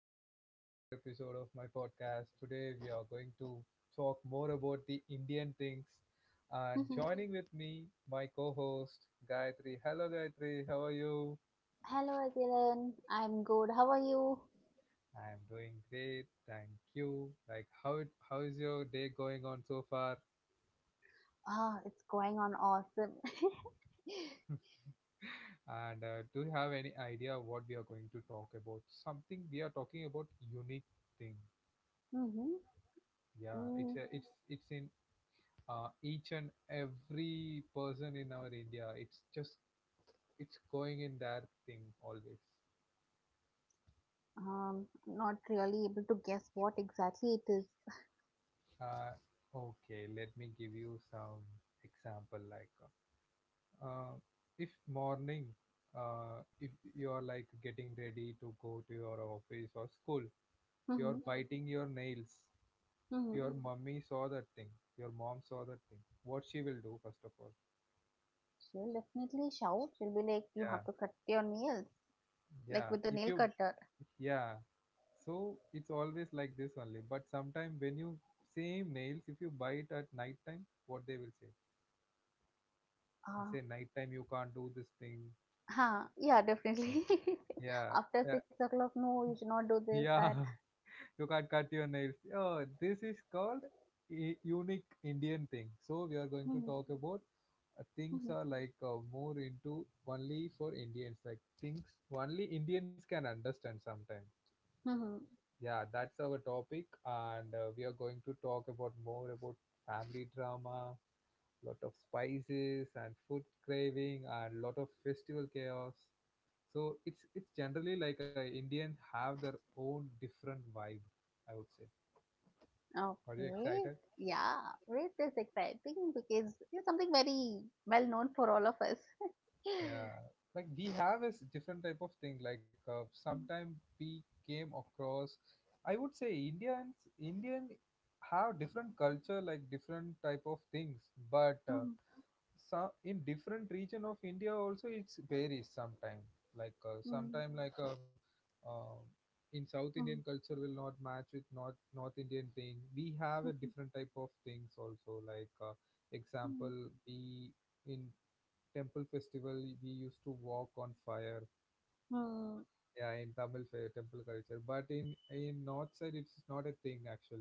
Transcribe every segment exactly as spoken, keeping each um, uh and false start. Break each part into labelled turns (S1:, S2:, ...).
S1: back to the another episode of my podcast. Today we are going to talk more about the Indian things. And
S2: Mhm.
S1: joining with me, my co-host Gayatri. Hello Gayatri, how are you?
S2: Hello again. I'm good. How are you?
S1: I am doing great, thank you. Like how it, how is your day going on so far?
S2: Ah, it's going on awesome.
S1: And uh, do you have any idea what we are going to talk about? Something we are talking about unique thing.
S2: Mm-hmm.
S1: Yeah,
S2: mm,
S1: it's a, it's it's in uh, each and every person in our India, it's just it's going in their thing always.
S2: um, Not really able to guess what exactly it is.
S1: Uh, okay, let me give you some example. Like, uh, if morning, uh, if you are like getting ready to go to your office or school, you are
S2: Mm-hmm.
S1: Mm, biting your nails.
S2: Mm-hmm.
S1: Your mm, mummy saw that thing. Your mom saw that thing. What she will do first of all?
S2: She'll definitely shout. She'll be like, "You have
S1: Yeah,
S2: to cut your nails, like
S1: yeah.
S2: with the
S1: If
S2: nail
S1: you,
S2: cutter."
S1: yeah. So it's always like this only. But sometime when you same nails, if you buy it at night time, what they will say? You
S2: Ah,
S1: say night time you can't do this thing.
S2: huh. Yeah, definitely.
S1: Yeah,
S2: After
S1: yeah,
S2: six o'clock, no, you should not do this,
S1: yeah.
S2: that.
S1: You can't cut your nails. Oh, this is called a unique Indian thing. So we are going to
S2: Mm-hmm.
S1: talk about uh, things
S2: Mm-hmm.
S1: are like uh, more into only for Indians. Like things only Indians can understand sometimes.
S2: Mm-hmm.
S1: Yeah, that's our topic, and uh, we are going to talk about more about family drama, lot of spices and food craving, and lot of festival chaos. So it's it's generally like a Indian have their own different vibe. I would say. Are you
S2: Okay.
S1: excited?
S2: Yeah, it is exciting because it's something very well known for all of us.
S1: Yeah, like we have a s- different type of thing. Like uh, sometime we came across. I would say Indians Indian have different culture, like different type of things, but. Uh,
S2: Mm.
S1: Some in different region of india also it's varies sometime like uh,
S2: Mm.
S1: sometime like uh, uh, in south indian
S2: Mm.
S1: culture will not match with north north indian thing we have a
S2: Mm.
S1: different type of things also like uh, example
S2: Mm.
S1: we in temple festival we used to walk on fire
S2: Mm.
S1: yeah in tamil fa- temple culture but in in north side it's not a thing actually.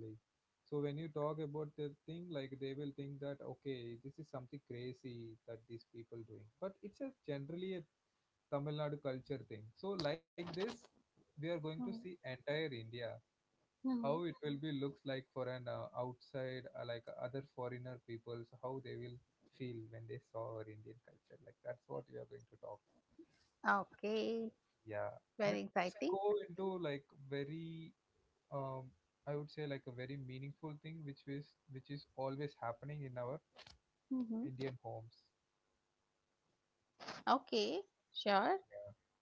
S1: So when you talk about the thing like they will think that okay this is something crazy that these people doing but it's a generally a tamil nadu culture thing. So like this we are going to see
S2: Mm.
S1: entire india how
S2: Mhm.
S1: it will be looks like for an uh, outside uh, like other foreigner peoples how they will feel when they saw our indian culture. Like that's what we are going to talk.
S2: Okay,
S1: Yeah,
S2: very
S1: let's
S2: exciting.
S1: go into like very um, I would say like a very meaningful thing, which is which is always happening in our
S2: Hmm.
S1: Indian homes.
S2: Okay, sure.
S1: Yeah.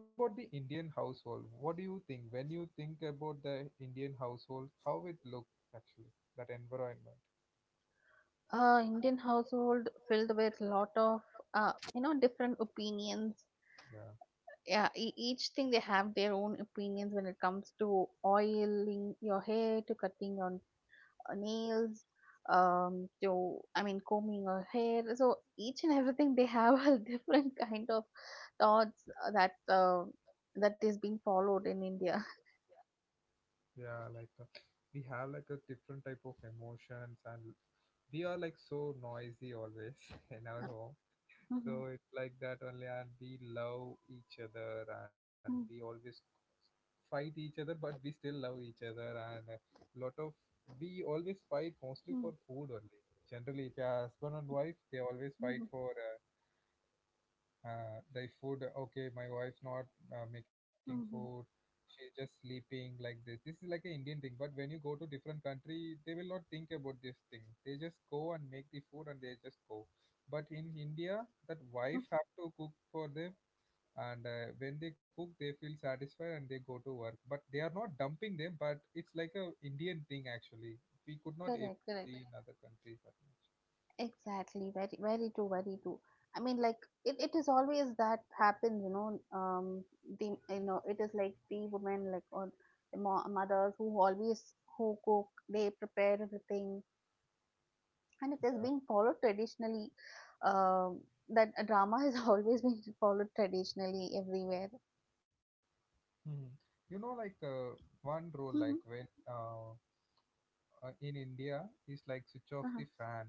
S1: What about the Indian household? What do you think when you think about the Indian household? How it looks actually that environment?
S2: Uh, Indian household filled with lot of uh, you know different opinions.
S1: Yeah,
S2: Yeah, e- each thing they have their own opinions when it comes to oiling your hair, to cutting your uh, nails, um to I mean combing our hair, so each and everything they have a different kind of thoughts, uh, that uh, that is being followed in India.
S1: yeah, like uh, we have like a different type of emotions and we are like so noisy always in our home.
S2: Mhm.
S1: So it's like that only, and we love each other, and we
S2: Mhm.
S1: always fight each other, but we still love each other, and a lot of we always fight mostly for
S2: Mhm.
S1: food only. Generally, if you're husband and wife, they always
S2: Mhm.
S1: fight for. Uh, uh, the food, okay, my wife's not uh, making food,
S2: Mhm.
S1: she's just sleeping like this. This is like an indian thing, but when you go to different country they will not think about this thing, they just go and make the food and they just go. But in india that
S2: Mhm.
S1: wife have to cook for them, and uh, when they cook they feel satisfied and they go to work but they are not dumping them. But it's like a indian thing actually, we could not
S2: Correct,
S1: able to
S2: correct.
S1: see in other countries that much.
S2: Exactly. Very, very true, very true. I mean, like it, it is always that happens, you know. Um, the you know, it is like the women, like, or the mo- mothers who always who cook, they prepare everything, and it has been followed traditionally, um, that a drama has always been followed traditionally everywhere.
S1: Hmm. You know, like uh, one rule, like
S2: Mm-hmm.
S1: when uh, uh, in India is like switch off
S2: Uh-huh.
S1: the fan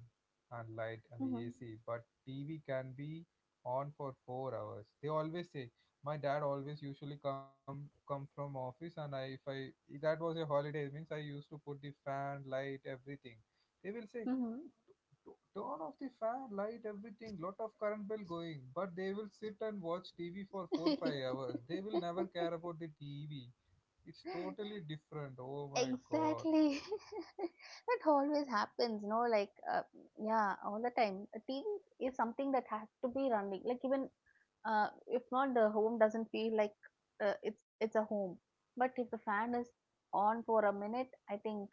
S1: and light and the
S2: Mm-hmm.
S1: A C, but T V can be on for four hours. They always say my dad always usually come come from office, and I if I if that was a holiday means I used to put the fan, light, everything. They will say,
S2: Mm-hmm.
S1: "Tu- turn off the fan, light, everything. Lot of current bill going, but they will sit and watch T V for four five hours. They will never care about the T V. It's totally different. Oh my god.
S2: Exactly. That always happens, no, like, uh, yeah, all the time. A T V is something that has to be running, like, even uh, if not, the home doesn't feel like uh, it's it's a home. But if the fan is on for a minute, I think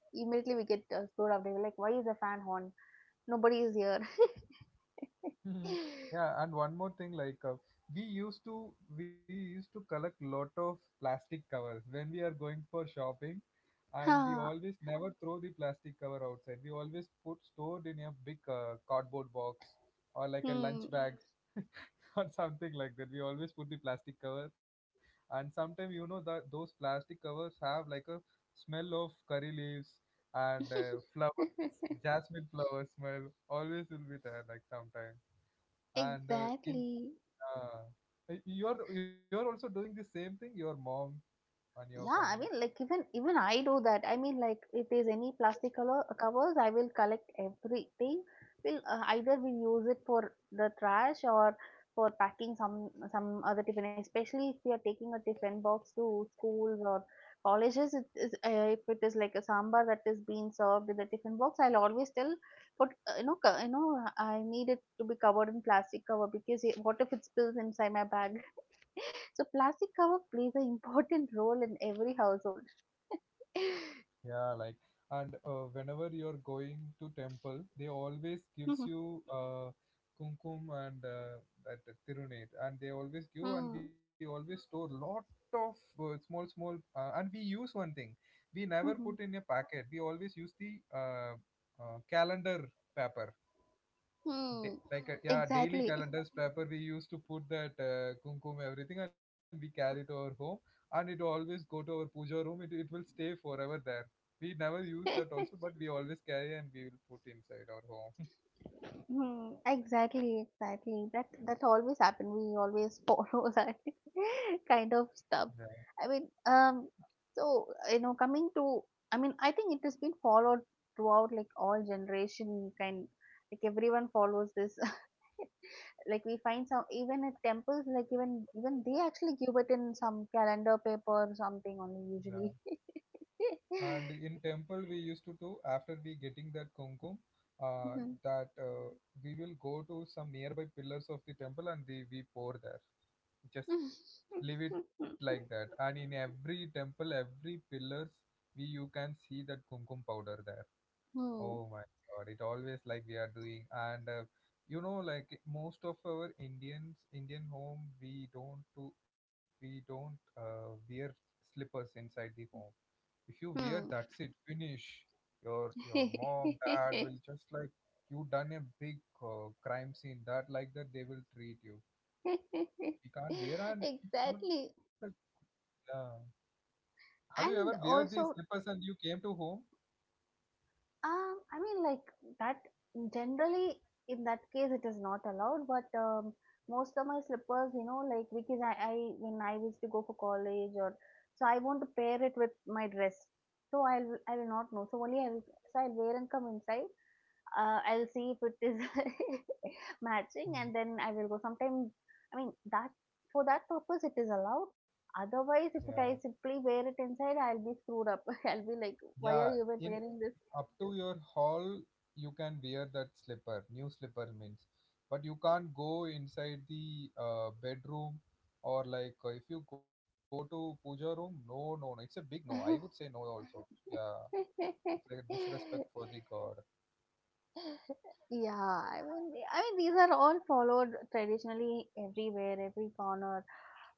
S2: immediately we get uh, screwed up. They were like, why is the fan on? Nobody is here.
S1: Mhm. Yeah, and one more thing, like uh, we used to we used to collect lot of plastic covers when we are going for shopping, and we
S2: Ah,
S1: always never throw the plastic cover outside. We always put stored in a big uh, cardboard box or like a
S2: hmm.
S1: lunch bag or something like that. We always put the plastic cover, and sometimes you know that those plastic covers have like a smell of curry leaves and uh, flowers, jasmine flower smell. Always will be there, like sometimes. And uh, in
S2: Exactly.
S1: uh, you're you're also doing the same thing, your mom and your
S2: Yeah, I
S1: family.
S2: mean, like even even I do that. I mean, like if there's any plastic color uh, covers, I will collect everything. We'll, uh, either we use it for the trash or for packing some some other tiffin. Especially if we are taking a tiffin box to schools or colleges, it is uh, if it is like a sambar that is being served in the tiffin box, I'll always tell, put, uh, you know co- you know I need it to be covered in plastic cover because it, what if it spills inside my bag? So plastic cover plays an important role in every household.
S1: Yeah, like and uh, whenever you're going to temple, they always
S2: Hmm.
S1: gives you uh, kumkum and uh, that tirunet, and they always give and
S2: Hmm.
S1: we always store lot of uh, small small uh, and we use one thing, we never put
S2: Hmm.
S1: in a packet. We always use the uh, uh, calendar paper
S2: Hmm.
S1: da- like uh, yeah daily
S2: Exactly.
S1: calendars paper we used to put that uh, kumkum everything and we carry it to our home, and it always go to our puja room, it, it will stay forever there. We never use that also but we always carry and we will put inside our home.
S2: Hmm, exactly, exactly. That that always happen. We always follow that kind of
S1: Yeah,
S2: stuff. I mean, um, so, you know, coming to, I mean, I think it has been followed throughout, like, all generation kind, like everyone follows this. Like we find some even at temples, like even even they actually give it in some calendar paper or something only,
S1: yeah,
S2: usually.
S1: and in temple we used to do after we getting that kumkum uh,
S2: Mhm.
S1: that uh, we will go to some nearby pillars of the temple and we, we pour there, just leave it like that. And in every temple, every pillars, we you can see that kumkum powder there.
S2: Hmm.
S1: Oh my God! It always like we are doing, and uh, you know, like most of our Indians, Indian home, we don't do, we don't uh, wear slippers inside the home. If you wear,
S2: Hmm.
S1: that's it, finish. Your your mom, dad will just like you done a big uh, crime scene. That like that they will treat you. You can't wear, and it's not a
S2: Exactly.
S1: yeah. Have you ever
S2: And
S1: wear these
S2: also,
S1: slippers and you came to home?
S2: Um, I mean, like that generally in that case it is not allowed, but um, most of my slippers, you know, like because I, I when I used to go for college or so, I want to pair it with my dress. So I'll I will not know. So only I will so I'll wear and come inside. Uh, I'll see if it is matching,
S1: Hmm.
S2: and then I will go. Sometimes I mean that for that purpose it is allowed. Otherwise,
S1: Yeah.
S2: if it, I simply wear it inside, I'll be screwed up. I'll be like, why
S1: Yeah,
S2: are you even
S1: in
S2: wearing this?
S1: up to your hall you can wear that slipper, new slipper means. But you can't go inside the uh, bedroom or like uh, if you go to puja room, no, no, no. It's a big no. I would say no also. Yeah, it's like a disrespect for the god.
S2: Yeah, I mean, the- I mean, these are all followed traditionally everywhere, every corner.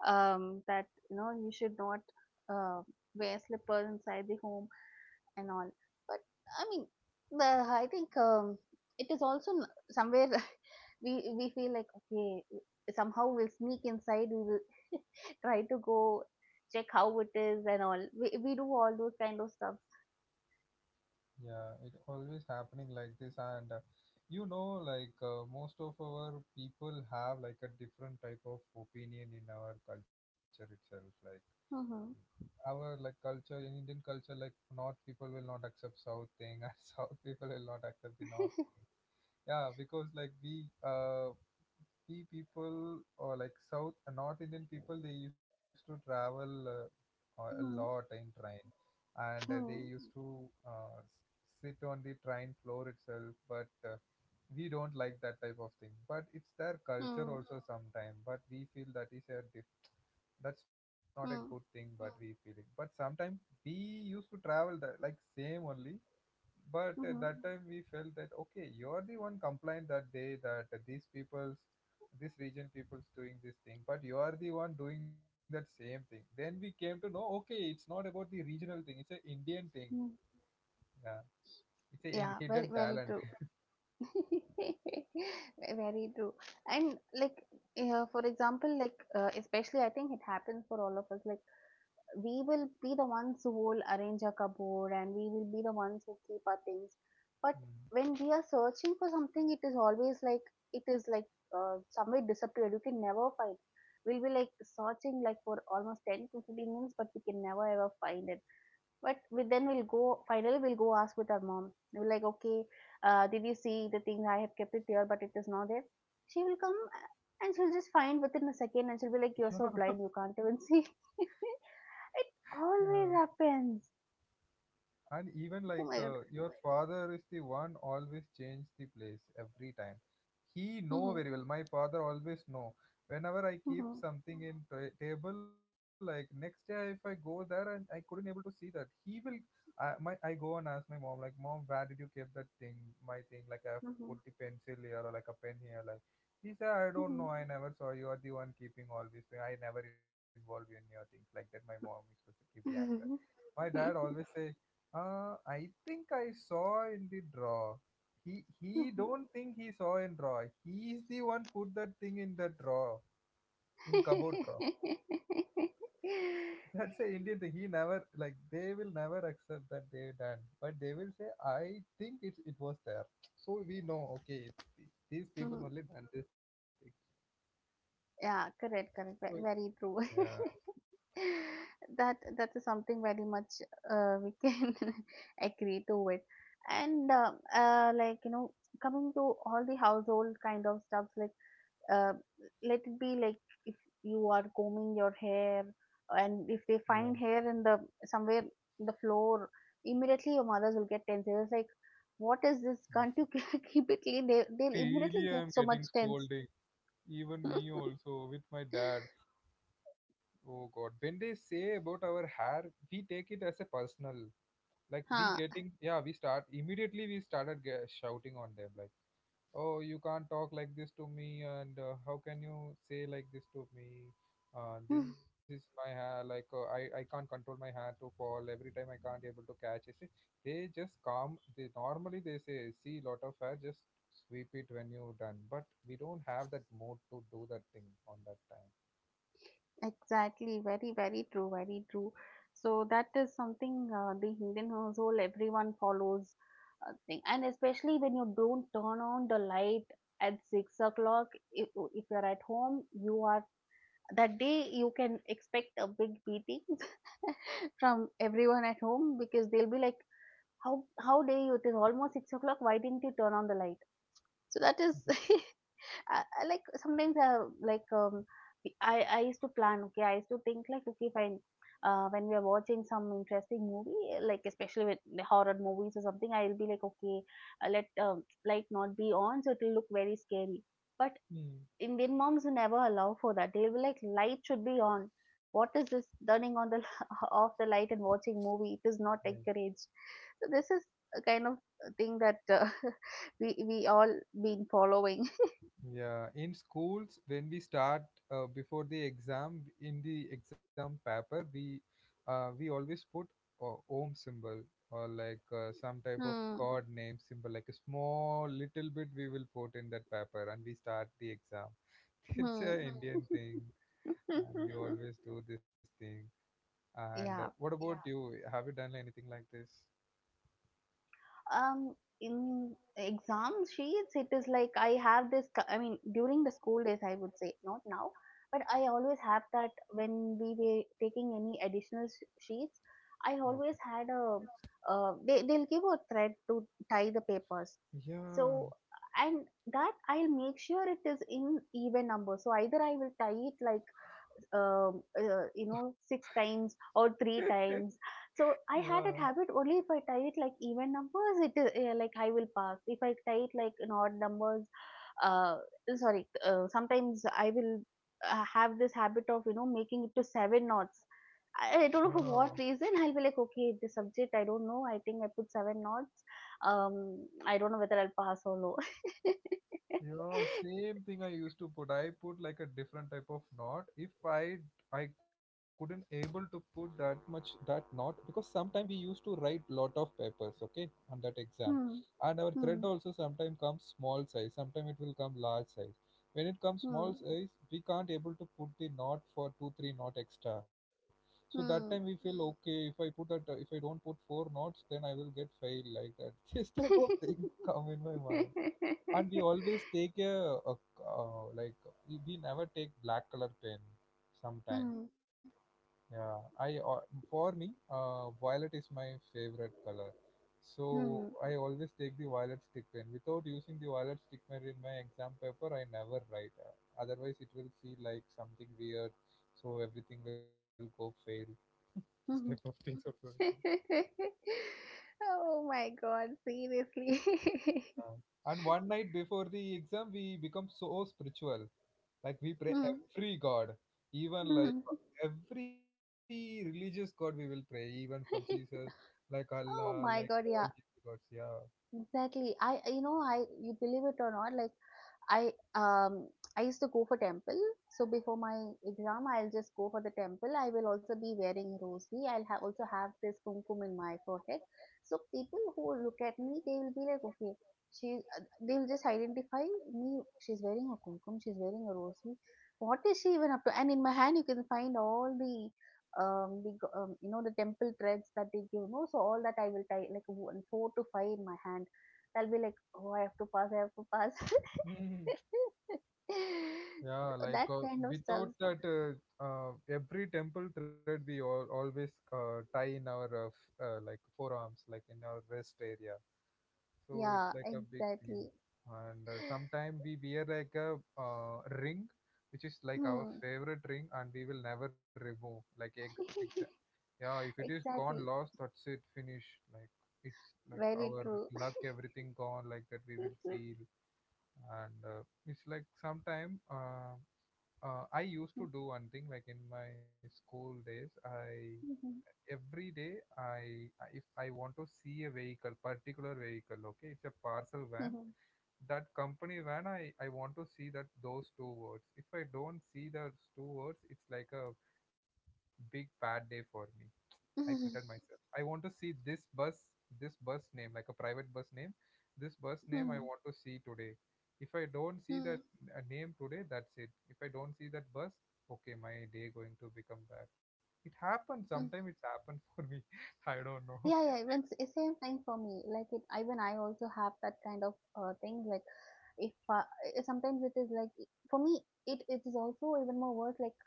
S2: Um, that, you know, you should not, uh, wear slippers inside the home and all. But I mean, the I think, um, it is also n- somewhere we we feel like, okay, somehow we'll sneak inside. We will try to go, check how it is and all. We we do all those kind of stuff.
S1: Yeah, it always happening like this, and uh, you know, like uh, most of our people have like a different type of opinion in our culture itself. Like
S2: Mm-hmm.
S1: our like culture in Indian culture, like North people will not accept South thing, and South people will not accept the North thing. Yeah, because like we uh we people or like South North Indian people, they used to travel uh, a lot
S2: Mm-hmm.
S1: in train and uh, they
S2: Mm-hmm.
S1: used to uh, s- sit on the train floor itself but uh, we don't like that type of thing but it's their culture
S2: Hmm.
S1: also sometimes, but we feel that is a diff- that's not a good thing,
S2: Mm.
S1: but we feel it. But sometimes we used to travel the, like same only. But at
S2: Mm-hmm.
S1: that time we felt that okay you're the one complained that day that these people's this region people's doing this thing but you are the one doing that same thing, then we came to know okay it's not about the regional thing, it's an indian thing.
S2: Mm.
S1: Yeah, it's a
S2: Yeah, very,
S1: hidden
S2: very
S1: talent.
S2: true. Very true. And like, yeah, for example, like, uh, especially I think it happens for all of us. Like, we will be the ones who will arrange a cupboard, and we will be the ones who keep our things. But
S1: Mm.
S2: when we are searching for something, it is always like, it is like, uh, somewhere disappeared. You can never find. We'll be like searching like for almost ten to fifteen minutes, but we can never ever find it. But we, then we'll go finally we'll go ask with our mom. We're like, okay, uh, did you see the thing? I have kept it here, but it is not there. She will come, uh, and she'll just find within a second, and she'll be like, you're
S1: Yeah.
S2: so blind, you can't even see. It
S1: Yeah.
S2: always happens.
S1: And even
S2: Oh
S1: like
S2: my God.
S1: uh, your father is the one always change the place every time, he know
S2: Mhm.
S1: very well, my father always know whenever I keep
S2: Mhm.
S1: something in ta- table like next day if I go there and I couldn't able to see that he will I, my I go and ask my mom like mom where did you keep that thing, my thing like I have put
S2: Mhm.
S1: the pencil here or like a pen here like he said I don't know
S2: Mhm.
S1: I never saw, you are the one keeping all these things, I never involve you in your things, like that my mom used to give the answer.
S2: Mhm.
S1: My dad always say uh, I think I saw in the draw. He he
S2: Mhm.
S1: don't think he saw in draw. He is the one put that thing in the draw, in cupboard draw. That's a Indian thing. He never like they will never accept that they done, but they will say I think it it was there. So we know okay it's, these people
S2: Mhm.
S1: only done this thing.
S2: Yeah,
S1: So,
S2: correct, correct, ve- very true.
S1: yeah,
S2: that that is something very much, uh, we can agree to it. And, uh, uh, like, you know coming to all the household kind of stuff, like, uh, let it be like, if you are combing your hair, and if they
S1: yeah.
S2: find hair in the somewhere in the floor, immediately your mothers will get tense. It's like, what is this,
S1: Oh,
S2: can't you keep it clean? They, they'll immediately
S1: daily
S2: get
S1: I'm
S2: so
S1: getting
S2: much tense.
S1: scolding. Even me also with my dad. Oh God, when they say about our hair, we take it as a personal. Like we
S2: Huh.
S1: getting, yeah, we start immediately. We started ge- shouting on them like, "Oh, you can't talk like this to me, and uh, how can you say like this to me? Uh, this is my hair. Like uh, I, I can't control my hair to fall every time. I can't able to catch it. See, They just calm. They normally they say, see, lot of hair, just sweep it when you done. But we don't have that mode to do that thing on that time.
S2: Exactly, very, very true, very true. So that is something, uh, the Indian household everyone follows, uh, thing, and especially when you don't turn on the light at six o'clock. If if you're at home, you are that day you can expect a big beating from everyone at home because they'll be like, "How how dare you? It is almost six o'clock. Why didn't you turn on the light?" So that is I, I like sometimes, uh, like, um, I I used to plan. Okay, I used to think like, okay, if I uh, when we are watching some interesting movie, like especially with the horror movies or something, I'll be like, okay, uh, let, um, light not be on, so it'll look very scary. But
S1: Hmm.
S2: Indian moms will never allow for that. They'll be like, light should be on. What is this, turning on the off the light and watching movie? It is not encouraged. So this is a kind of thing that, uh, we we all been following.
S1: Yeah, in schools, when we start uh, before the exam, in the exam paper, we uh, we always put uh, Om symbol or like uh, some type of God name symbol, like a small little bit we will put in that paper, and we start the exam. It's a
S2: Hmm.
S1: Indian thing, and we always do this thing. And uh,
S2: Yeah.
S1: what about, yeah, you? Have you done anything like this?
S2: Um, in exam sheets, it is like I have this, co- I mean, during the school days, I would say, not now, but I always have that when we were taking any additional sh- sheets, I
S1: Okay.
S2: always had a, uh, they, they'll give a thread to tie the papers.
S1: Yeah,
S2: So, and that I'll make sure it is in even number. So either I will tie it like, um, uh, you know six times or three times. So I
S1: yeah,
S2: had that habit only if I tie it like even numbers, it is, uh, like I will pass. If I tie it like an odd numbers, uh, sorry, uh, sometimes I will, uh, have this habit of you know making it to seven knots. I, I don't know
S1: yeah.
S2: for what reason. I'll be like, okay, the subject I don't know. I think I put seven knots. Um, I don't know whether I'll pass or no.
S1: Yeah, same thing I used to put. I put like a different type of knot. If I I couldn't able to put that much that knot because sometimes we used to write lot of papers, okay, on that exam.
S2: Hmm.
S1: And our thread
S2: Hmm.
S1: also sometimes comes small size, sometimes it will come large size. When it comes
S2: Hmm.
S1: small size, we can't able to put the knot for two, three knot extra. So that time we
S2: Hmm.
S1: feel okay. If I put that, uh, if I don't put four knots, then I will get failed like that. This type of thing come in my mind, and we always take a, a, uh, like we we never take black color pen sometimes,
S2: Hmm.
S1: yeah. i al- for me, uh, violet is my favorite color, so
S2: Hmm.
S1: I always take the violet stick pen. Without using the violet stick pen in my exam paper, I never write, uh, otherwise it will feel like something weird, so everything will go fail. This type of
S2: Hmm.
S1: things also I do.
S2: Oh my God, seriously.
S1: Yeah. And one night before the exam, we become so spiritual, like we pray
S2: Mm.
S1: every god, even
S2: Mm.
S1: like every religious god we will pray, even from Jesus, like Allah,
S2: Oh
S1: like
S2: my God,
S1: all
S2: yeah.
S1: these gods, yeah.
S2: Exactly. I, I- you know, I, you believe it or not, like, I, um, I used to go for temple. So before my exam, I'll just go for the temple. I will also be wearing rosary. I'll ha also have this kumkum in my forehead. So people who look at me, they will be like, okay, she, uh, they will just identify me. She's wearing a kumkum. She's wearing a rosary. What is she even up to? And in my hand, you can find all the um the go- um, you know the temple threads that they give, no? So all that I will tie like one, four to five in my hand. I'll be like, oh, I have to pass, I have to pass.
S1: Mhm. Yeah,
S2: So
S1: like
S2: that
S1: uh,
S2: kind of stuff.
S1: without that uh, uh, every temple thread we all, always uh, tie in our uh, f- uh, like forearms, like in our wrist area. So
S2: Yeah,
S1: it's like a big thing,
S2: exactly.
S1: and uh, sometime we wear like a uh, ring which is like our
S2: Hmm.
S1: favorite ring, and we will never remove, like ex- ex- Yeah, if it is gone,
S2: Exactly.
S1: lost, that's it, finish. Like it's like
S2: Very
S1: our
S2: true.
S1: luck, everything gone, like that we will feel. And uh, it's like sometime uh, uh, I used to do one thing, like in my school days, I every day I if I want to see a vehicle, particular vehicle, okay, it's a parcel van. That company van, I I want to see that those two words. If I don't see those two words, it's like a big bad day for me. I pretend myself. I want to see this bus, this bus name, like a private bus name. This bus name I want to see today. If I don't see that a name today, that's it. If I don't see that bus, okay, my day going to become bad. It happens. Sometimes it's happened for me. I don't know.
S2: Yeah, yeah, even s- same time for me. Like it, even I also have that kind of uh, thing. Like, if uh, I- sometimes it is like for me, it it is also even more worse. Like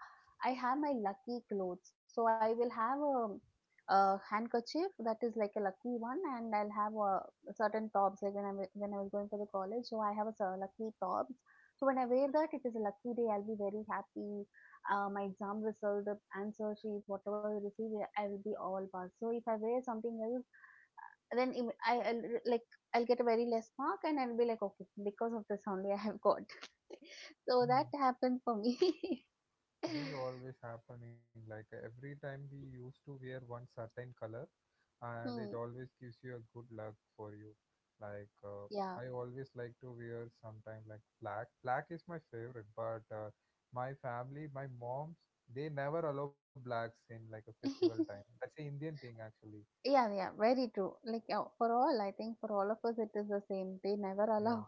S2: I have my lucky clothes, so I will have a, a handkerchief that is like a lucky one, and I'll have a certain tops. Like when I wa- when I was going for the college, so I have a cer- lucky tops. So when I wear that, it is a lucky day. I'll be very happy, uh, my exam result, the answer sheet, whatever I receive, I will be all passed. So if I wear something else, then im- I I'll, re- like I'll get a very less mark, and I'll be like, okay, because of this only I have got. so that
S1: Hmm.
S2: happened for me.
S1: This is always happening. Like every time we used to wear one certain color, and
S2: hmm,
S1: it always gives you a good luck for you. Like uh,
S2: yeah.
S1: I always like to wear sometime like black. Black is my favorite, but uh, my family, my moms, they never allow blacks in like a festival time. That's a Indian thing actually.
S2: Yeah, yeah, very true. Like uh, for all, I think for all of us, it is the same. They never allow
S1: Yeah.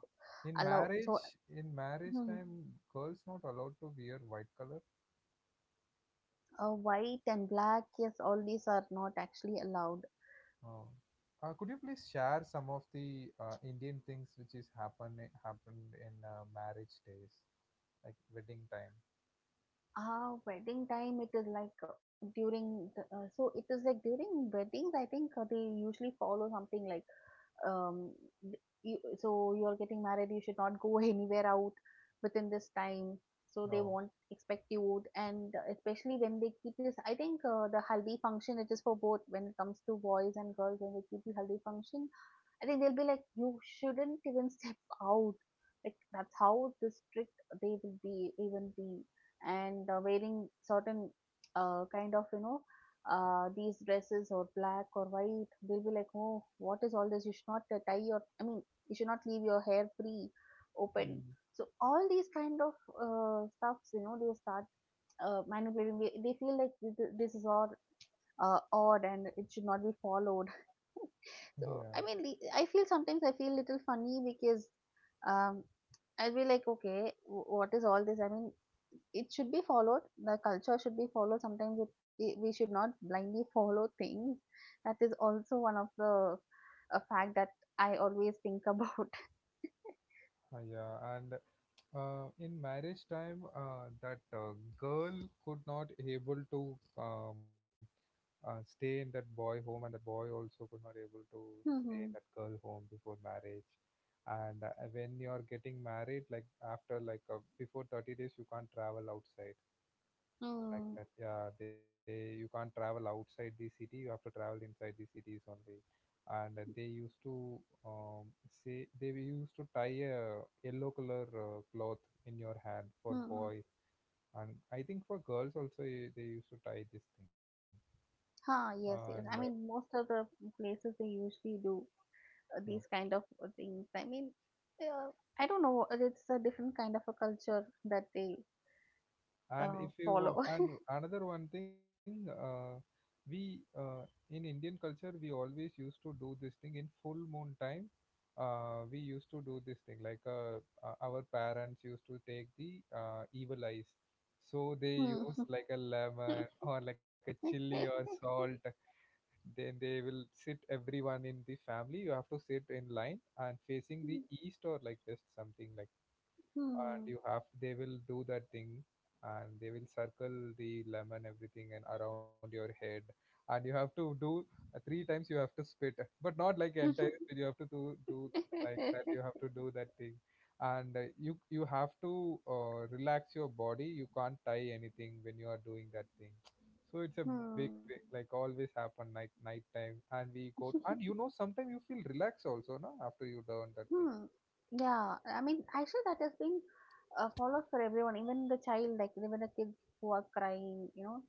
S1: In
S2: allow. So
S1: marriage, in marriage
S2: hmm,
S1: time, girls not allowed to wear white color.
S2: uh, White and black, yes, all these are not actually allowed.
S1: Oh. Uh, could you please share some of the uh, Indian things which is happen happened in uh, marriage days, like wedding time?
S2: Ah, wedding time, it is like uh, during the, uh, so it is like during weddings, I think uh, they usually follow something like um th- you, so you're getting married, you should not go anywhere out within this time. So they
S1: Oh,
S2: won't expect you, and uh, especially when they keep this, I think uh, the haldi function, it is for both when it comes to boys and girls when they keep the haldi function. I think they'll be like, you shouldn't even step out. Like that's how the strict they will be, even be, and uh, wearing certain uh, kind of you know uh, these dresses or black or white. They'll be like, oh, what is all this? You should not uh, tie your. I mean, you should not leave your hair free, open.
S1: mm.
S2: So all these kind of uh, stuffs, you know, they start uh, manipulating. They, they feel like this, this is all uh, odd and it should not be followed. So I
S1: Yeah,
S2: mean, the- I feel sometimes I feel little funny because um, I'll be like, okay, wh- what is all this? I mean, it should be followed. The culture should be followed. Sometimes it, it, we should not blindly follow things. That is also one of the a fact that I always think about.
S1: uh, yeah, and uh, in marriage time, uh, that uh, girl could not able to uh, uh, stay in that boy home, and that boy also could not able to stay in
S2: Mm-hmm.
S1: that girl home before marriage. And uh, when you are getting married, like after like uh, before thirty days, you can't travel outside like that.
S2: Mm.
S1: Yeah, they you can't travel outside the city. You have to travel inside the cities only. And uh, they used to um, say they were used to tie a yellow color uh, cloth in your hand for boy,
S2: Mm.
S1: and I think for girls also eh, they used to tie this thing.
S2: Huh,
S1: And
S2: yes, yes. I mean, most of the places they usually do uh,
S1: uh, uh,
S2: these kind of uh, things. I mean, uh, I don't know. uh, It's a different kind of a culture that they
S1: and
S2: uh,
S1: if you wa-
S2: follow.
S1: and another one thing, uh, we uh, in Indian culture we always used to do this thing in full moon time. Uh, we used to do this thing like uh, uh, our parents used to take the uh, evil eyes, so they use
S2: Hmm.
S1: like a lemon or like a chili or salt. Then they will sit everyone in the family, you have to sit in line and facing the east or like this something like, and
S2: Hmm.
S1: you have they will do that thing, and they will circle the lemon everything and around your head, and you have to do uh, three times you have to spit, but not like entire spit you have to do, do like that you have to do that thing. And uh, you you have to uh, relax your body, you can't tie anything when you are doing that thing, so it's a big
S2: Hmm.
S1: thing, like always happen like night time, and we go t- and you know sometimes you feel relaxed also no after you done that thing,
S2: Hmm. Yeah, I mean, actually, that has been uh, followed for everyone, even the child, like even the kids who are crying, you know,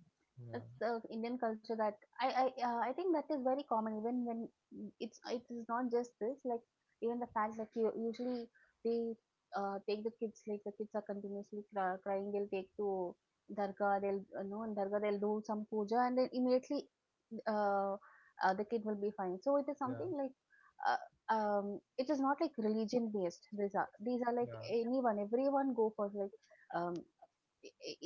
S2: that's the Indian culture that I I uh, I think that is very common even when mm, it's it is not just this like even the fact that you usually they uh, take the kids like the kids are continuously cry, crying they'll take to dargah they'll uh, no in dargah they'll do some puja and then immediately uh, uh, the kid will be fine so it is
S1: yeah.
S2: something like uh, um it is not like religion based. These are these are like
S1: Yeah,
S2: anyone everyone go for like um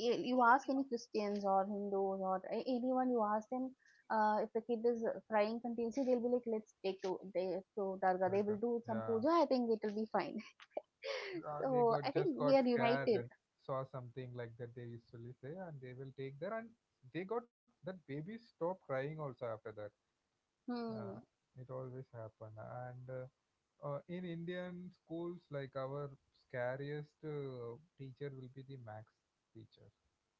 S2: y- you ask any Christians or Hindus or a- anyone, you ask them uh, if the kid is uh, crying continuously, they'll be like, let's take to they, to Durga.
S1: right.
S2: They
S1: uh,
S2: will do some
S1: Yeah,
S2: puja. I think it will be fine.
S1: uh, they
S2: So
S1: got
S2: I think
S1: just
S2: we
S1: got
S2: are
S1: scared
S2: united.
S1: and saw something like that. They usually say, and they will take there, and they got that baby stopped crying also after that. Yeah,
S2: Hmm.
S1: it always happen, and uh, uh, in Indian schools, like our scariest uh, teacher will be the max teacher.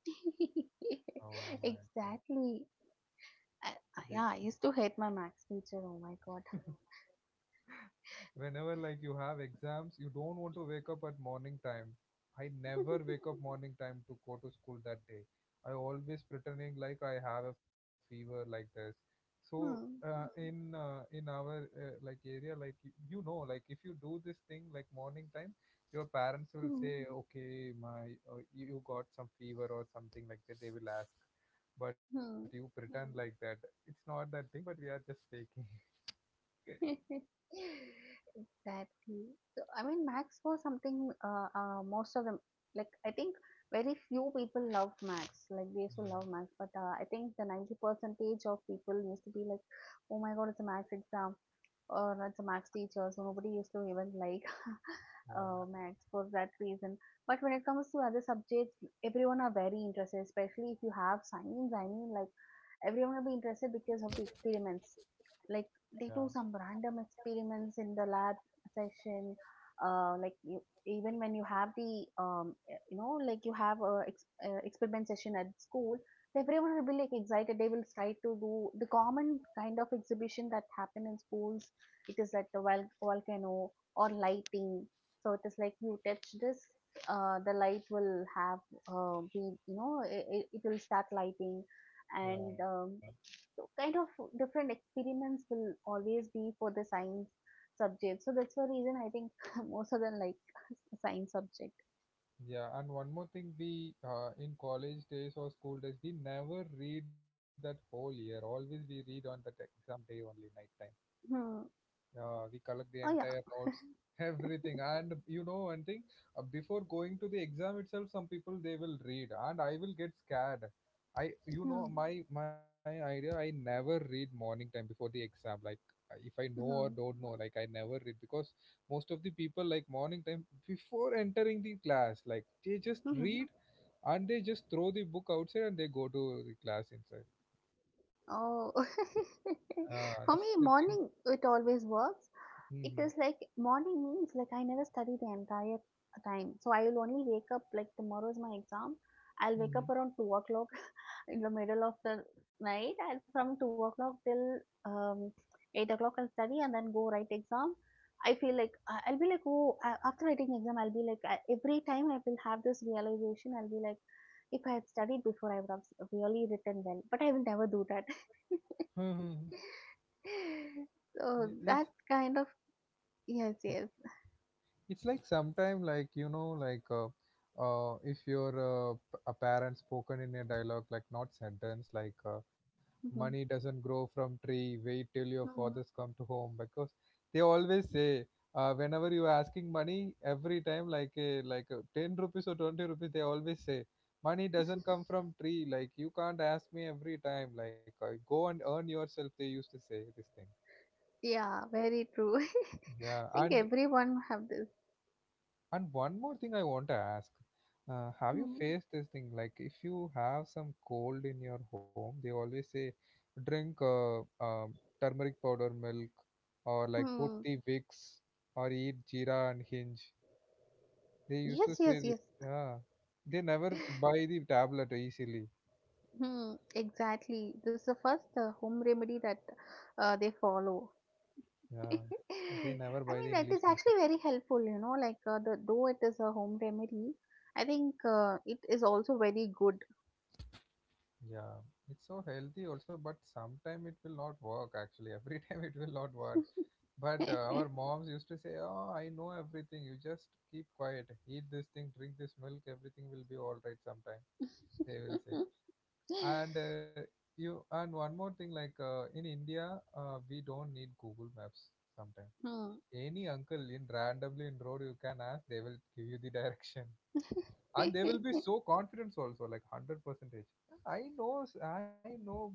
S1: Oh my god,
S2: Exactly. I,
S1: they
S2: I- yeah, I used to hate my max teacher. Oh my god.
S1: whenever like you have exams, you don't want to wake up at morning time. I never wake up morning time to go to school that day. I always pretending like I have a fever like this, so uh,
S2: Hmm.
S1: in uh, in our uh, like area, like you, you know like if you do this thing like morning time, your parents will
S2: Hmm.
S1: say okay, my uh, you you got some fever or something like that, they will ask. But you
S2: Hmm.
S1: pretend like that. It's not that thing, but we are just faking.
S2: Exactly. So, I mean, Max was something uh, uh, most of them, like, I think very few people love Max. Like, they used to
S1: Yeah,
S2: love Max, but uh, I think the ninety percentage of people used to be like, oh my God, it's a Max exam or it's a Max teacher. So, nobody used to even like uh,
S1: yeah.
S2: Max for that reason. But when it comes to other subjects, everyone are very interested, especially if you have science. I mean, like, everyone will be interested because of the experiments like
S1: Yeah.
S2: they do some random experiments in the lab session. Uh, like you, even when you have the um, eh, you know like you have a ex- uh, experiment session at school, everyone will be like excited. They will try to do the common kind of exhibition that happen in schools. It is like the vol- volcano or lighting. So it is like you touch this, uh, the light will have uh, be you know it, it will start lighting. And
S1: Yeah.
S2: um, so kind of different experiments will always be for the science subject. So that's the reason I think most of them like science subject.
S1: Yeah. And one more thing, we uh, in college days or school days, we never read that whole year. Always we read on that exam day only, night time.
S2: Hmm.
S1: Yeah, we collect the
S2: Oh yeah.
S1: entire notes, everything. And you know one thing, uh, before going to the exam itself, some people they will read, and I will get scared. I, you know,
S2: Hmm.
S1: my my idea, I never read morning time before the exam. Like uh, if I know or
S2: Hmm.
S1: don't know, like I never read, because most of the people like morning time before entering the class, like they just
S2: Hmm.
S1: read and they just throw the book outside and they go to the class inside.
S2: Oh.
S1: Ah, this is
S2: For me
S1: the thing.
S2: morning it always works. It is
S1: Hmm.
S2: like morning means like I never study the entire time. So I will only wake up like tomorrow is my exam. I'll wake up
S1: Hmm.
S2: around two o'clock in the middle of the night and from two o'clock till um, eight o'clock I'll study and then go write exam. I feel like I- I'll be like oh a- after writing exam I'll be like I- every time I will have this realization I'll be like if I had studied before I would have s- really written well but I will never do that.
S1: Hmm. Yeah,
S2: So that
S1: It's
S2: kind of yes yes.
S1: it's like sometime, like you know like uh, uh, if your uh, p- a parent spoken in a dialogue, like not sentence, like uh, money doesn't grow from tree, wait till your
S2: Mhm.
S1: fathers come to home, because they always say uh, whenever you are asking money every time, like a, like a ten rupees or twenty rupees, they always say money doesn't come from tree, like you can't ask me every time, like uh, go and earn yourself, they used to say this thing,
S2: Yeah, very true. I
S1: yeah.
S2: think
S1: and
S2: everyone have this.
S1: And one more thing I want to ask. Uh, have you
S2: Hmm.
S1: faced this thing? Like, if you have some cold in your home, they always say drink uh, um, turmeric powder milk, or like put
S2: Hmm.
S1: the Vicks, or eat jeera and hinge. They used to
S2: Yes,
S1: say
S2: yes,
S1: this.
S2: yes.
S1: Yeah. They never buy the tablet easily.
S2: Hmm. Exactly. This is the first uh, home remedy that uh, they follow.
S1: Yeah. They never
S2: I
S1: buy
S2: mean,
S1: the
S2: that
S1: English
S2: is
S1: medicine.
S2: actually very helpful. You know, like uh, the though it is a home remedy, I think uh, it is also very good.
S1: Yeah. It's so healthy also, but sometime it will not work actually. Every time it will not work. But uh, our moms used to say, oh, I know everything. You just keep quiet. Eat this thing, drink this milk. Everything will be all right sometime. They will say. And uh, you and one more thing, like uh, in India, uh, we don't need Google Maps sometimes.
S2: Hmm.
S1: Any uncle in randomly in road you can ask, they will give you the direction, and they will be so confident also, like one hundred percentage. I know s- i know bro,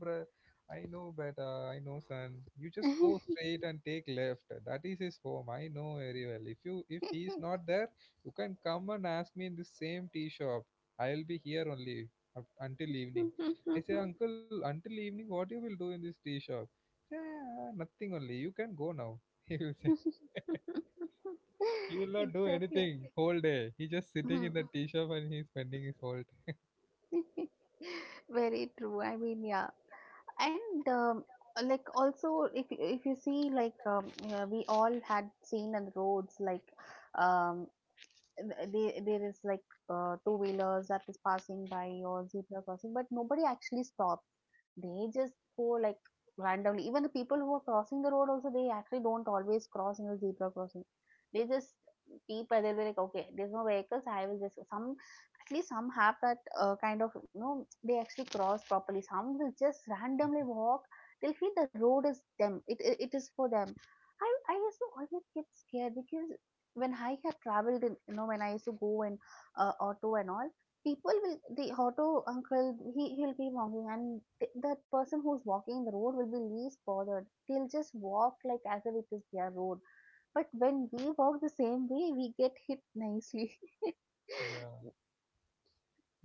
S1: i know better. I know, son, you just go straight and take left, that is his home, I know very well. If you if he is not there, you can come and ask me in the same tea shop, I will be here only, up, until evening. I say, uncle, until evening what you will do in this tea shop? Yeah, nothing only, you can go now, he will say. He will not do
S2: Exactly.
S1: anything whole day. He just sitting
S2: Hmm.
S1: in the tea shop and he's spending his whole time.
S2: Very true. I mean, yeah, and um, like also if you- if you see like um, yeah, we all had seen on the roads like um th- there there is like uh, two wheelers that is passing by or zebra crossing, but nobody actually stops. They just go like randomly. Even the people who are crossing the road also, they actually don't always cross in the zebra crossing. They just peep and they'll be like, okay, there's no vehicles. I will just some at least some have that uh, kind of you know they actually cross properly. Some will just randomly walk. They'll feel the road is them. It it, it is for them. I I used to always get scared because when I had traveled, in, you know, when I used to go in uh, auto and all, people will the auto uncle he he'll be walking and th- that person who's walking the road will be least bothered. They'll just walk like as if it is their road. But when we walk the same way we get hit nicely.
S1: Yeah.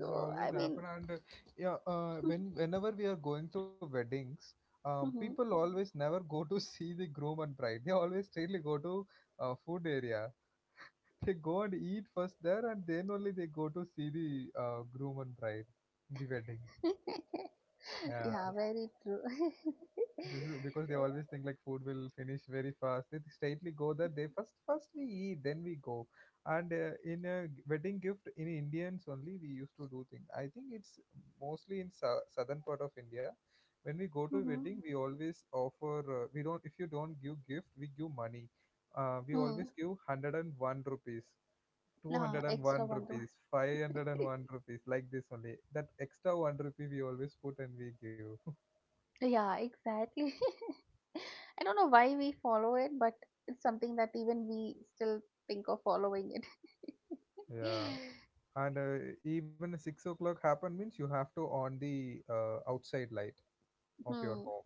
S1: It's
S2: I
S1: always
S2: mean.
S1: happen. And uh, yeah, uh, when whenever we are going to weddings, um, people
S2: Mhm.
S1: always never go to see the groom and bride. They always straightly go to uh, food area. They go and eat first there, and then only they go to see the uh, groom and bride in the wedding. Yeah.
S2: Yeah very true.
S1: This is because they
S2: So,
S1: always think like food will finish very fast. They straightly go, that they first first we eat, then we go. And uh, in a g- wedding gift, in Indians only we used to do thing. I think it's mostly in sou- southern part of India. When we go to
S2: hmm
S1: wedding, we always offer. Uh, we don't, if you don't give gift, we give money. Uh, we
S2: hmm.
S1: always give one hundred and one rupees, two
S2: No
S1: hundred and
S2: extra
S1: one
S2: wonder.
S1: rupees, five hundred and one rupees, like this only. That extra one rupee we always put and we give.
S2: Yeah exactly. I don't know why we follow it but it's something that even we still think of following it.
S1: Yeah. and uh, Even six o'clock happen means you have to on the uh, outside light of your
S2: Hmm.
S1: home.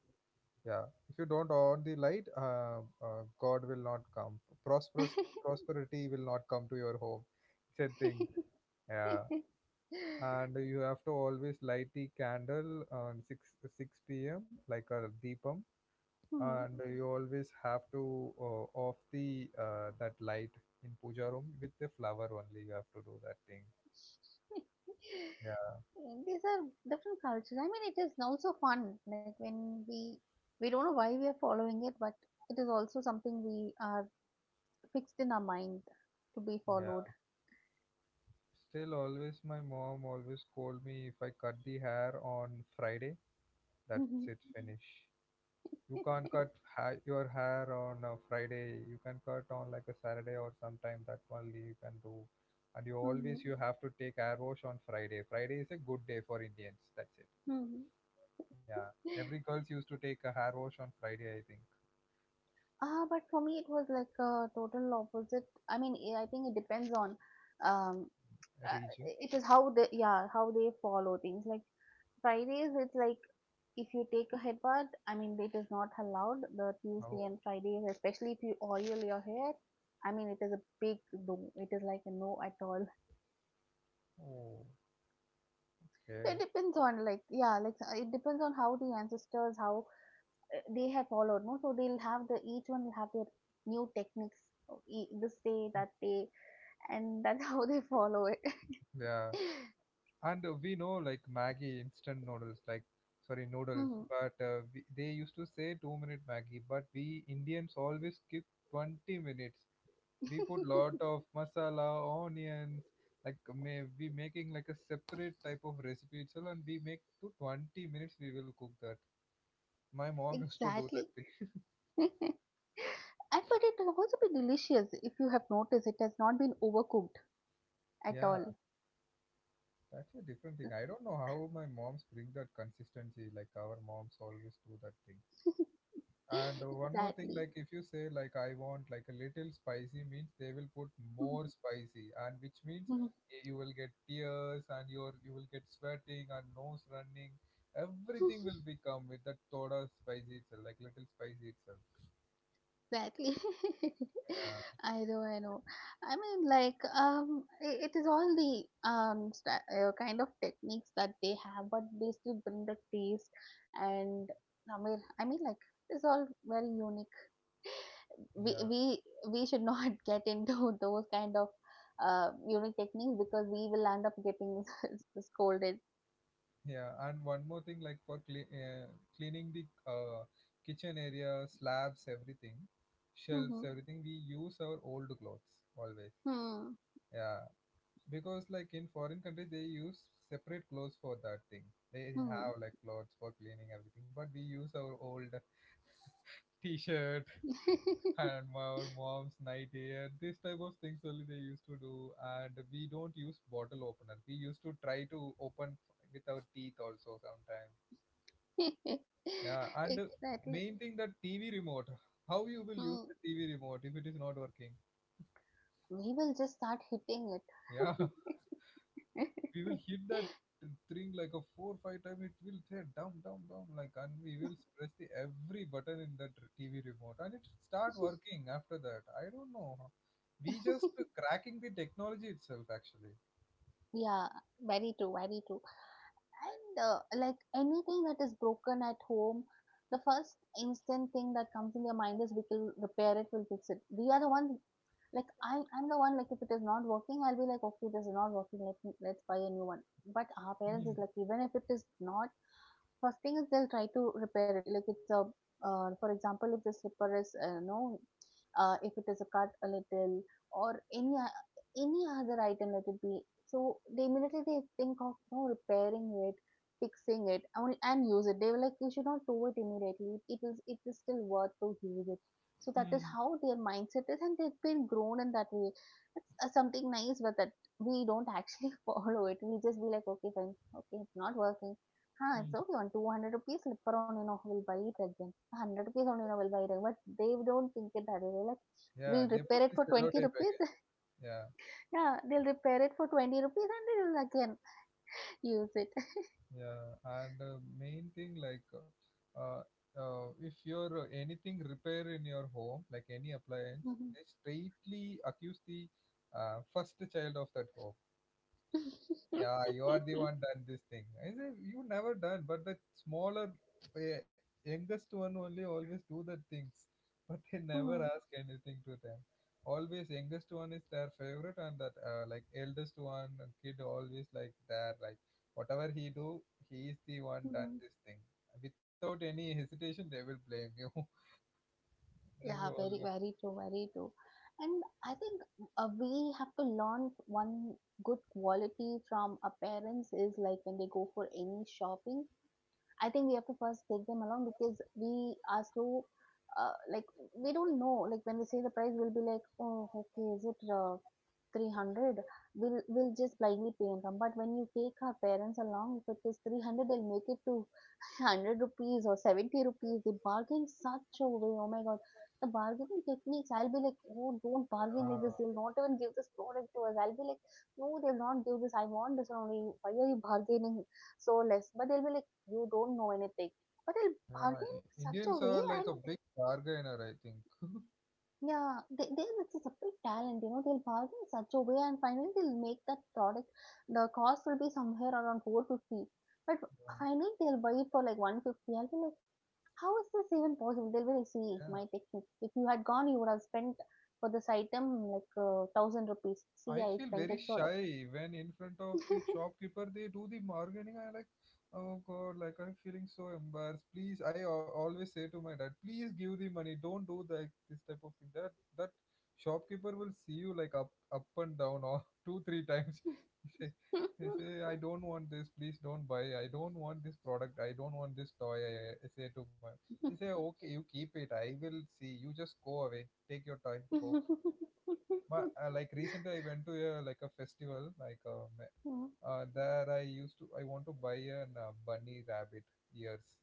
S1: Yeah. If you don't on the light, uh, uh, god will not come. Prosperous, prosperity will not come to your home. It's a thing. Yeah. And you have to always light the candle on six six p.m, like a deepam.
S2: Hmm.
S1: And you always have to uh, off the uh, that light in puja room, with the flower only you have to do that thing.
S2: These are different cultures. I mean, it is also fun. Like when we we don't know why we are following it, but it is also something we are fixed in our mind to be
S1: Yeah.
S2: followed.
S1: Still, always my mom always scold me if I cut the hair on Friday, that's it,
S2: Mhm.
S1: finish. You can't cut ha- your hair on a Friday. You can cut on like a Saturday or sometime, that only you can do. And you
S2: Mhm.
S1: always, you have to take hair wash on Friday. Friday is a good day for Indians, that's it.
S2: Mhm.
S1: Yeah. Every girls used to take a hair wash on Friday, I think.
S2: Ah, but for me, it was like a total opposite. I mean, eh, I think it depends on, um, uh,
S1: Region.
S2: it is how they, yeah, how they follow things. Like Fridays, it's like if you take a headbutt, I mean, it is not allowed. The Tuesday
S1: Oh.
S2: and Fridays, especially if you oil your hair, I mean, it is a big no. It is like a no at all.
S1: Oh.
S2: So it
S1: Okay.
S2: depends on like yeah, like uh, it depends on how the ancestors how uh, they have followed. No, so they'll have the each one will have their new techniques. of e- This day, that day, and that's how they follow it.
S1: Yeah. and uh, We know like Maggie instant noodles, like sorry, noodles,
S2: Mhm,
S1: but uh, we, they used to say two minute Maggie, but we Indians always skip twenty minutes. We put lot of masala, onions, like may, we making like a separate type of recipe itself, and we make to twenty minutes. We will cook that. My mom used to do that
S2: exactly.
S1: thing.
S2: And but it will also be delicious if you have noticed it has not been overcooked at
S1: Yeah,
S2: all.
S1: that's a different thing. I don't know how my moms bring that consistency. Like our moms always do that thing. And uh, one more thing,
S2: Exactly.
S1: like if you say like I want like a little spicy, means they will put more spicy, and which means y- you will get tears, and your, you will get sweating and nose running. Everything will become with that soda spicy itself, like little spicy itself.
S2: Exactly.
S1: Yeah,
S2: I know, I know. I mean, like, um, i- it is all the um sta uh, kind of techniques that they have, but they still bring the taste. And I mean, I mean, like, it's all very unique. We
S1: yeah,
S2: we we should not get into those kind of uh unique techniques because we will end up getting scolded.
S1: yeah. And one more thing, like for cle- uh, cleaning the uh, kitchen area, slabs, everything, shelves,
S2: Hmm.
S1: everything, we use our old clothes always.
S2: Hmm.
S1: Yeah. Because like in foreign countries they use separate clothes for that thing, they have like clothes for cleaning everything, but we use our old t-shirt
S2: Hmm.
S1: and our mom's nightwear, this type of things only they used to do. And we don't use bottle opener, we used to try to open f- with our teeth also sometimes. Yeah and uh,
S2: Exactly.
S1: Main thing, that tv remote, how you will
S2: Hmm.
S1: use the tv remote if it is not working?
S2: We will just start hitting
S1: Yeah.
S2: it.
S1: We will hit that thing like a four five time, it will say down down down like, and we will press the every button in that r- tv remote, and it start working after that. I don't know how, we just cracking the technology itself actually.
S2: Yeah, very true, very true. And uh, like anything that is broken at home, the first instant thing that comes in your mind is we will repair it, we'll fix it. We are the one like I I'm the one like if it is not working, I'll be like, okay, this is not working, let me let's buy a new one. But our parents
S1: Hmm,
S2: is like even if it is not. First thing is they'll try to repair it. Like it's a, uh, for example, if the slipper is, uh, no, uh, if it is a cut a little or any o- any other item, let it be. So they immediately they think of no repairing it, fixing it, and, and use it. They were like, you should not do it immediately. It is it is still worth to use it. So that is
S1: hmm,
S2: how their mindset is, and they've been grown in that way. It's uh, something nice, but that we don't actually follow it. We just be like, okay, fine, okay, it's not working. "Huh, it's
S1: hmm.
S2: okay, on two hundred rupees slipper on, you know, we'll buy it again. one hundred rupees only, you know, we'll buy it again." But they don't think it that way. They're like,
S1: Yeah,
S2: "We'll
S1: they put
S2: repair it
S1: this
S2: for
S1: yellow
S2: twenty
S1: tape
S2: rupees."
S1: again. Yeah.
S2: Yeah, they'll repair it for twenty rupees and they'll again use it.
S1: yeah and uh, Main thing, like uh, uh, uh, if you're uh, anything repair in your home, like any appliance,
S2: Mhm.
S1: they straightly accuse the uh, first child of that home. Yeah, you are the one done this thing. I say you never done, but the smaller, eh, youngest one only always do the things, but they never
S2: Mhm.
S1: ask anything to them. Always youngest one is their favorite, and that uh, like eldest one uh, kid always like, there like, whatever he do, he is the one done
S2: Mhm.
S1: this thing. Without any hesitation, they will blame you. This is
S2: Yeah, very,
S1: always.
S2: very true, very true. And I think uh, we have to learn one good quality from our parents is like when they go for any shopping, I think we have to first take them along because we are so uh, like we don't know. Like when they say the price, we'll be like, oh, okay, is it uh, three hundred, we'll, we'll just blindly pay income. But when you take our parents along, if it is three hundred, they'll make it to one hundred rupees or seventy rupees. They bargain such a way. Oh my God. The bargaining techniques, I'll be like, oh, don't bargain like
S1: Ah,
S2: this. They'll not even give this product to us. I'll be like, no, they'll not give this. I want this only. Why are you bargaining so less? But they'll be like, you don't know anything. But they'll
S1: yeah,
S2: bargain
S1: I-
S2: such a
S1: Indians
S2: way
S1: are like
S2: and
S1: a big bargainer, I think.
S2: yeah, they, they this is a big talent, you know, they'll bargain in such a way and finally they'll make that product the cost will be somewhere around four hundred fifty. But finally they'll buy it for like one hundred fifty. I'll be like, how is this even possible? They'll be like, see,
S1: Yeah.
S2: my technique. If you had gone, you would have spent for this item like uh, thousand rupees. See,
S1: I
S2: I
S1: feel
S2: spent
S1: very
S2: it so
S1: shy when in front of the shopkeeper they do the bargaining. I like, oh god, like I'm feeling so embarrassed. Please, I al- always say to my dad, please give the money, don't do that, this type of thing. That that shopkeeper will see you like up up and down or two three times. Say, they say, I don't want this, please don't buy, I don't want this product, I don't want this toy. I, I I say to my. He say, okay, you keep it, I will see, you just go away. Take your toy. Go. But uh, like recently, I went to a like a festival. Like um, uh, there, I used to I want to buy an uh, bunny rabbit ears.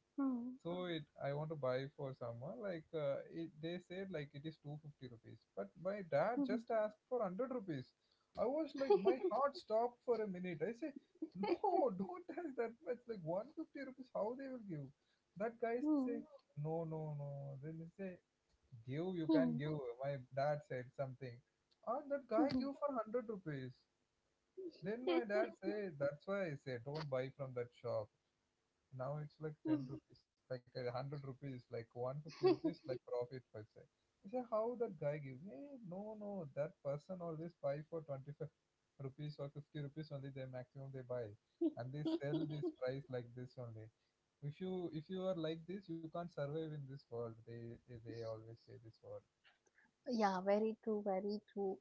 S1: So it, I want to buy for someone. Like uh, it, they said like it is two fifty rupees. But my dad just asked for hundred rupees. I was like my heart stopped for a minute. I say, no, don't ask that much, like one fifty rupees, how they will give? That guy say, no, no, no. Then he say, give, you can give. My dad said something. Ah, that guy give for hundred rupees. Then my dad say, that's why I say don't buy from that shop, now it's like ten rupees, like a hundred rupees, like one fifty rupees like profit per se. I say, how that guy give? Hey, no, no, that person always buy for twenty-five rupees or fifty rupees only, they maximum they buy, and they
S2: less.
S1: sell this price like this only. If you if you are like this, you can't survive in this world, they, they, they always say this word.
S2: Yeah, very true, very true.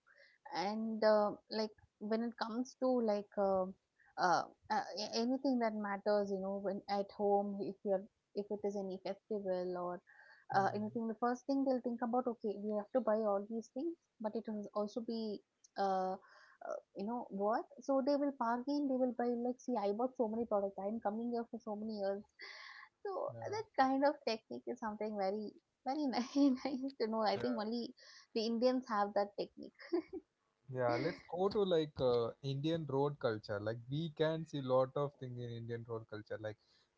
S2: And uh, like when it comes to like uh, uh, uh, a- anything that matters, you know, when at home, if you're if it is any festival or uh,
S1: Hmm.
S2: anything, the first thing they'll think about, okay, we have to buy all these things, but it will also be uh, uh, you know worth. So they will bargain, they will buy like, see, I bought so many products, I'm coming here for so many years. So
S1: Yeah.
S2: that kind of technique is something very, very nice, nice to know. I
S1: Yeah,
S2: think only the Indians have that technique.
S1: yeah, let's go to like uh, Indian road culture. Like we can see lot of things in Indian road culture. Like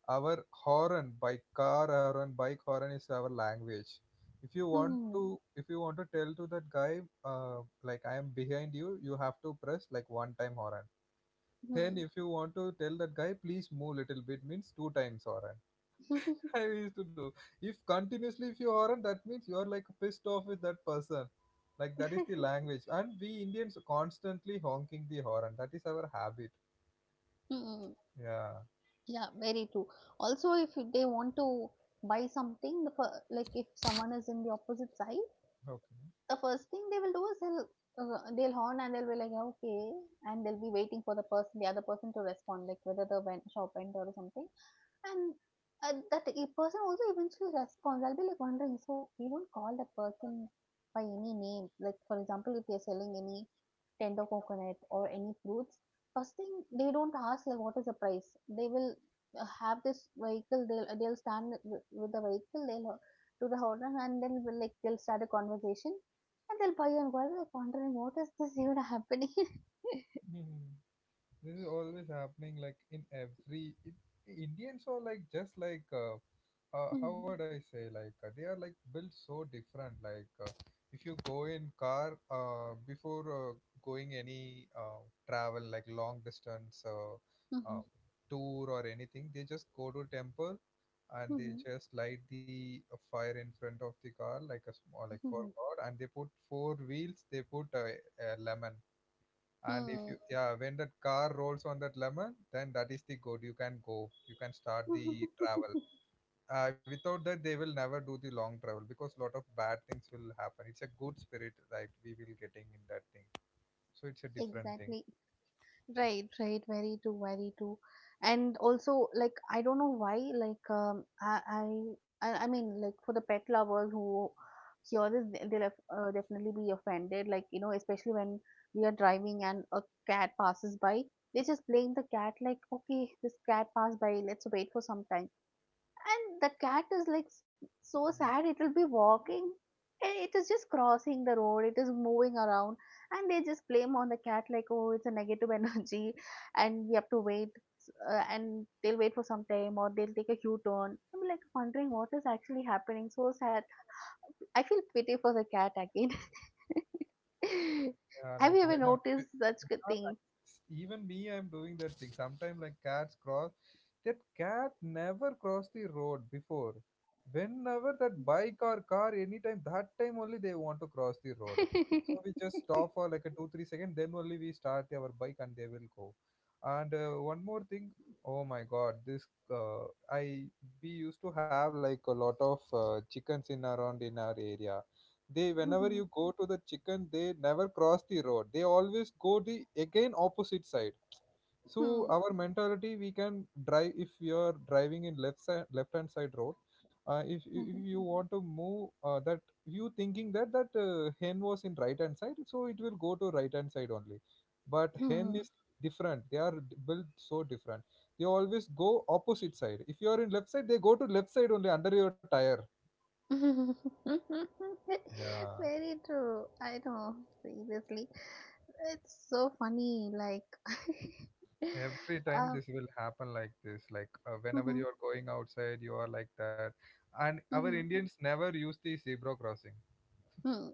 S1: our horn, by car horn, bike horn is our language. If you want
S2: Hmm.
S1: to, if you want to tell to that guy, uh, like I am behind you, you have to press like one time horn.
S2: Hmm.
S1: Then if you want to tell that guy, please move little bit, means two times horn. I used to do. If continuously if you horn, that means you are like pissed off with that person. Like that is the language, and we Indians constantly honking the horn, that is our habit.
S2: Mm,
S1: Yeah.
S2: yeah, very true. Also, if they want to buy something, the fir- like if someone is in the opposite side,
S1: Okay.
S2: the first thing they will do is they'll uh, they'll horn and they'll be like, "Yeah, okay," and they'll be waiting for the person, the other person to respond, like whether the ven- shop vendor or something, and uh, that e- person also eventually responds. I'll be like wondering, so we don't call that person by any name. Like for example, if they're selling any tender coconut or any fruits, first thing they don't ask like what is the price. They will uh, have this vehicle. They'll they'll stand with with the vehicle. They'll uh, to the horn and then will like they'll start a conversation and they'll buy you and go away wondering what is this even happening.
S1: Mhm. This is always happening, like in every, it, Indians are like just like uh, uh, how
S2: Mhm,
S1: would I say, like uh, they are like built so different. Like uh, if you go in car, uh, before uh, going any uh, travel, like long distance, uh, uh,
S2: mhm,
S1: tour or anything, they just go to temple, and they
S2: mhm,
S1: just light the uh, fire in front of the car, like a small like for
S2: mhm,
S1: god, and they put four wheels, they put a, a lemon. And if you,
S2: mhm.
S1: yeah, when that car rolls on that lemon, then that is the good, you can go, you can start the travel. Uh, without that they will never do the long travel, because lot of bad things will happen. It's a good spirit that we will getting in that thing. So it's a different thing.
S2: Exactly. Right, right, very true, very true. And also like I don't know why, like um i i i I mean, like for the pet lovers who hear this, they- they'll af- uh, definitely be offended, like, you know especially when we are driving and a cat passes by, they just blame the cat like, okay, this cat passed by, let's wait for some time. And the cat is like s- so sad, it will be walking and it is just crossing the road, it is moving around. And they just blame on the cat like, oh, it's a negative energy and we have to wait, uh, and they'll wait for some time or they'll take a u-turn. I'm like wondering what is actually happening, so sad. I feel pity for the cat again.
S1: Yeah, like
S2: Have you
S1: when
S2: ever
S1: I'm,
S2: noticed such good things?
S1: even me, I'm doing that thing. Sometimes, like cats cross, that cat never crossed the road before. Whenever that bike or car, anytime, that time only they want to cross the road. So we just stop for like a two three second, then only we start our bike and they will go. And uh, one more thing, oh my God, this uh, I we used to have like a lot of uh, chickens in around in our area. They whenever
S2: Mhm.
S1: you go to the chicken, they never cross the road, they always go the again opposite side. So
S2: Mhm.
S1: our mentality, we can drive if you are driving in left side, left hand side road. Uh, if, if you want to move uh, that, you thinking that that uh, hen was in right hand side, so it will go to right hand side only. But hen is
S2: Mhm.
S1: different, they are d- built so different. They always go opposite side, if you are in left side they go to left side only under your tire. Yeah,
S2: Very true. I know. Seriously, it's so funny. Like,
S1: every time
S2: um,
S1: this will happen like this like uh, whenever
S2: mhm,
S1: you are going outside you are like that. And our
S2: mhm,
S1: indians never use the zebra crossing.
S2: mhm.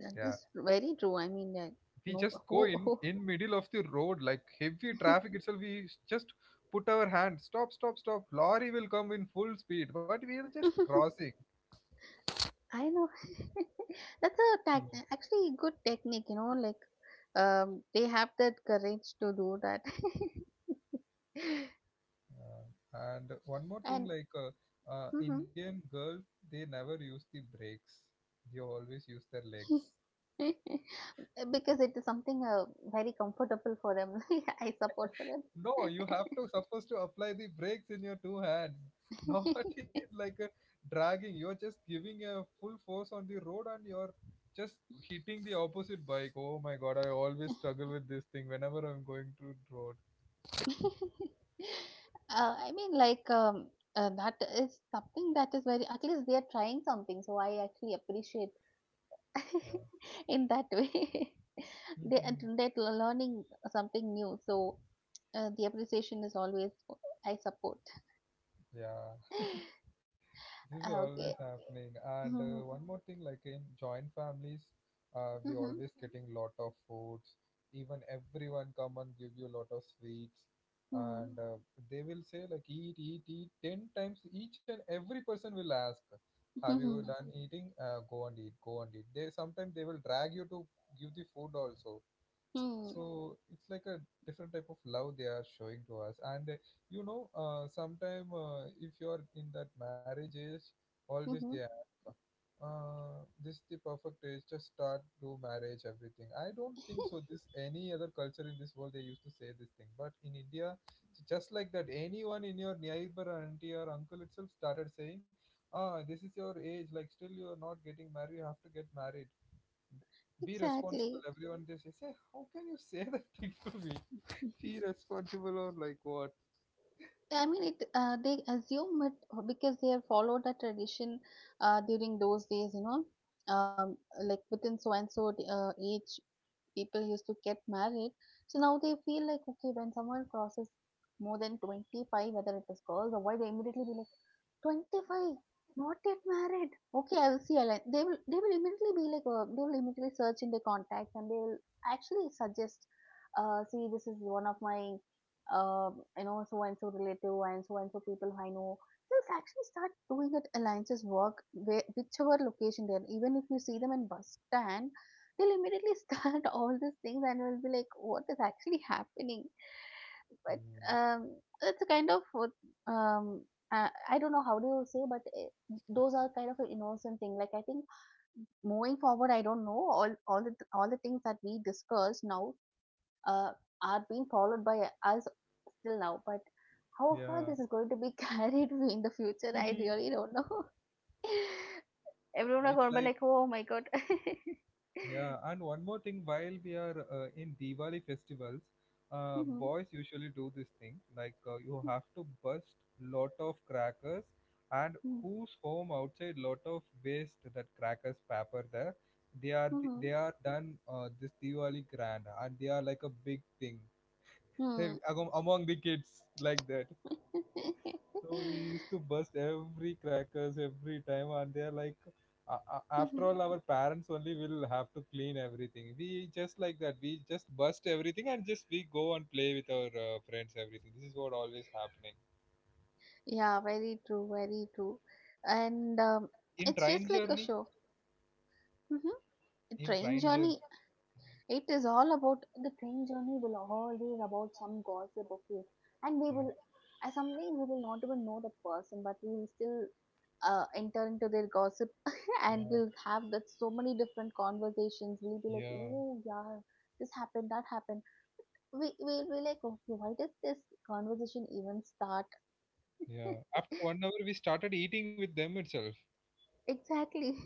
S2: That
S1: Yeah,
S2: is very true. I mean, uh,
S1: we
S2: no,
S1: just go
S2: who,
S1: in
S2: who?
S1: in middle of the road, like heavy traffic itself we s- just put our hand, stop stop stop, lorry will come in full speed but we are just crossing.
S2: I know. That's a tac
S1: Hmm.
S2: actually good technique. You know, like, um, they have that courage to do that.
S1: Uh, and one more thing
S2: And
S1: like uh, uh,
S2: mhm.
S1: indian girls, they never use the brakes, they always use their legs.
S2: Because it is something uh, very comfortable for them, I support for them.
S1: No, you have to supposed to apply the brakes in your two hands. Not in like a dragging. You're just giving a full force on the road and you're just hitting the opposite bike. Oh my god, I always struggle with this thing whenever I'm going to road.
S2: uh, I mean, like, um, uh, that is something that is very, at least they are trying something, so I actually appreciate
S1: Yeah.
S2: in that way. they are they're learning something new, so uh, the appreciation is always I support.
S1: Yeah. This is
S2: Ah,
S1: always
S2: okay.
S1: happening. And uh,
S2: Mm-hmm.
S1: one more thing, like in joint families, uh, we
S2: Mm-hmm.
S1: always getting lot of foods. Even everyone come and give you a lot of sweets,
S2: Mm-hmm.
S1: and uh, they will say like eat, eat, eat ten times. Each and every person will ask, "Have you
S2: Mm-hmm.
S1: done eating? Uh, go and eat. Go and eat." They sometimes they will drag you to give the food also.
S2: Mm-hmm.
S1: So it's like a different type of love they are showing to us. And uh, you know uh, sometime uh, if you are in that marriage age, always
S2: Mm-hmm.
S1: they ask, uh, this is the perfect age, just start do marriage everything. I don't think so this any other culture in this world they used to say this thing, but in india, it's just like that, anyone in your neighbor auntie or uncle itself started saying, ah this is your age, like still you are not getting married, you have to get married, be responsible.
S2: Exactly.
S1: Everyone they say, say, how can you say that thing to me? Be responsible or like what?
S2: I mean, it. Uh, they assume it because they have followed a tradition uh, during those days. You know, um, like within so and so uh, age, people used to get married. So now they feel like, okay, when someone crosses more than twenty five, whether it is girls or boy, they immediately be like twenty-five, not yet married. Okay, I will see. I'll, they will. They will immediately be like. Uh, they will immediately search in their contacts and they will actually suggest. Uh, see, this is one of my uh, you know, so and so relative and so and so people who I know. Just actually start doing it alliances work where, whichever location they're. Even if you see them in bus stand, they'll immediately start all these things and will be like, what is actually happening? But
S1: Mm.
S2: um, it's a kind of what, um, uh, I don't know how do you say, but uh, those are kind of an innocent thing. Like I think moving forward, I don't know all all the all the things that we discussed now uh, are being followed by us till now, but how far
S1: Yeah,
S2: this is going to be carried in the future, I
S1: mhm.
S2: really don't know. Everyone are
S1: It's
S2: going to be
S1: like
S2: like, oh my god.
S1: yeah. And one more thing, while we are uh, in Diwali festivals, uh,
S2: Mhm,
S1: boys usually do this thing. Like uh, you have to bust lot of crackers, and
S2: mhm,
S1: whose home outside lot of waste that crackers paper there. They are th-
S2: mhm,
S1: they are done uh, this Diwali grand, and they are like a big thing, they-
S2: mhm.
S1: among among the kids like that. So we used to bust every crackers every time, and they're like, "A- a- After
S2: Mhm.
S1: all, our parents only will have to clean everything. We just like that. We just bust everything and just we go and play with our uh, friends." Everything. This is what always happening
S2: Yeah, very true, very true. And um,
S1: in
S2: it's
S1: train
S2: just like a
S1: journey.
S2: show. hmm
S1: In
S2: Train
S1: train journey.
S2: journey. It is all about the train journey will always about some gossip of you, and we
S1: Yeah,
S2: will, uh, sometimes we will not even know the person, but we will still uh, enter into their gossip, and
S1: yeah,
S2: we'll have that so many different conversations. We'll be like,
S1: yeah,
S2: oh yeah, this happened, that happened. We we'll be like, okay, why does this conversation even start?
S1: yeah. After one hour, we started eating with them itself.
S2: Exactly.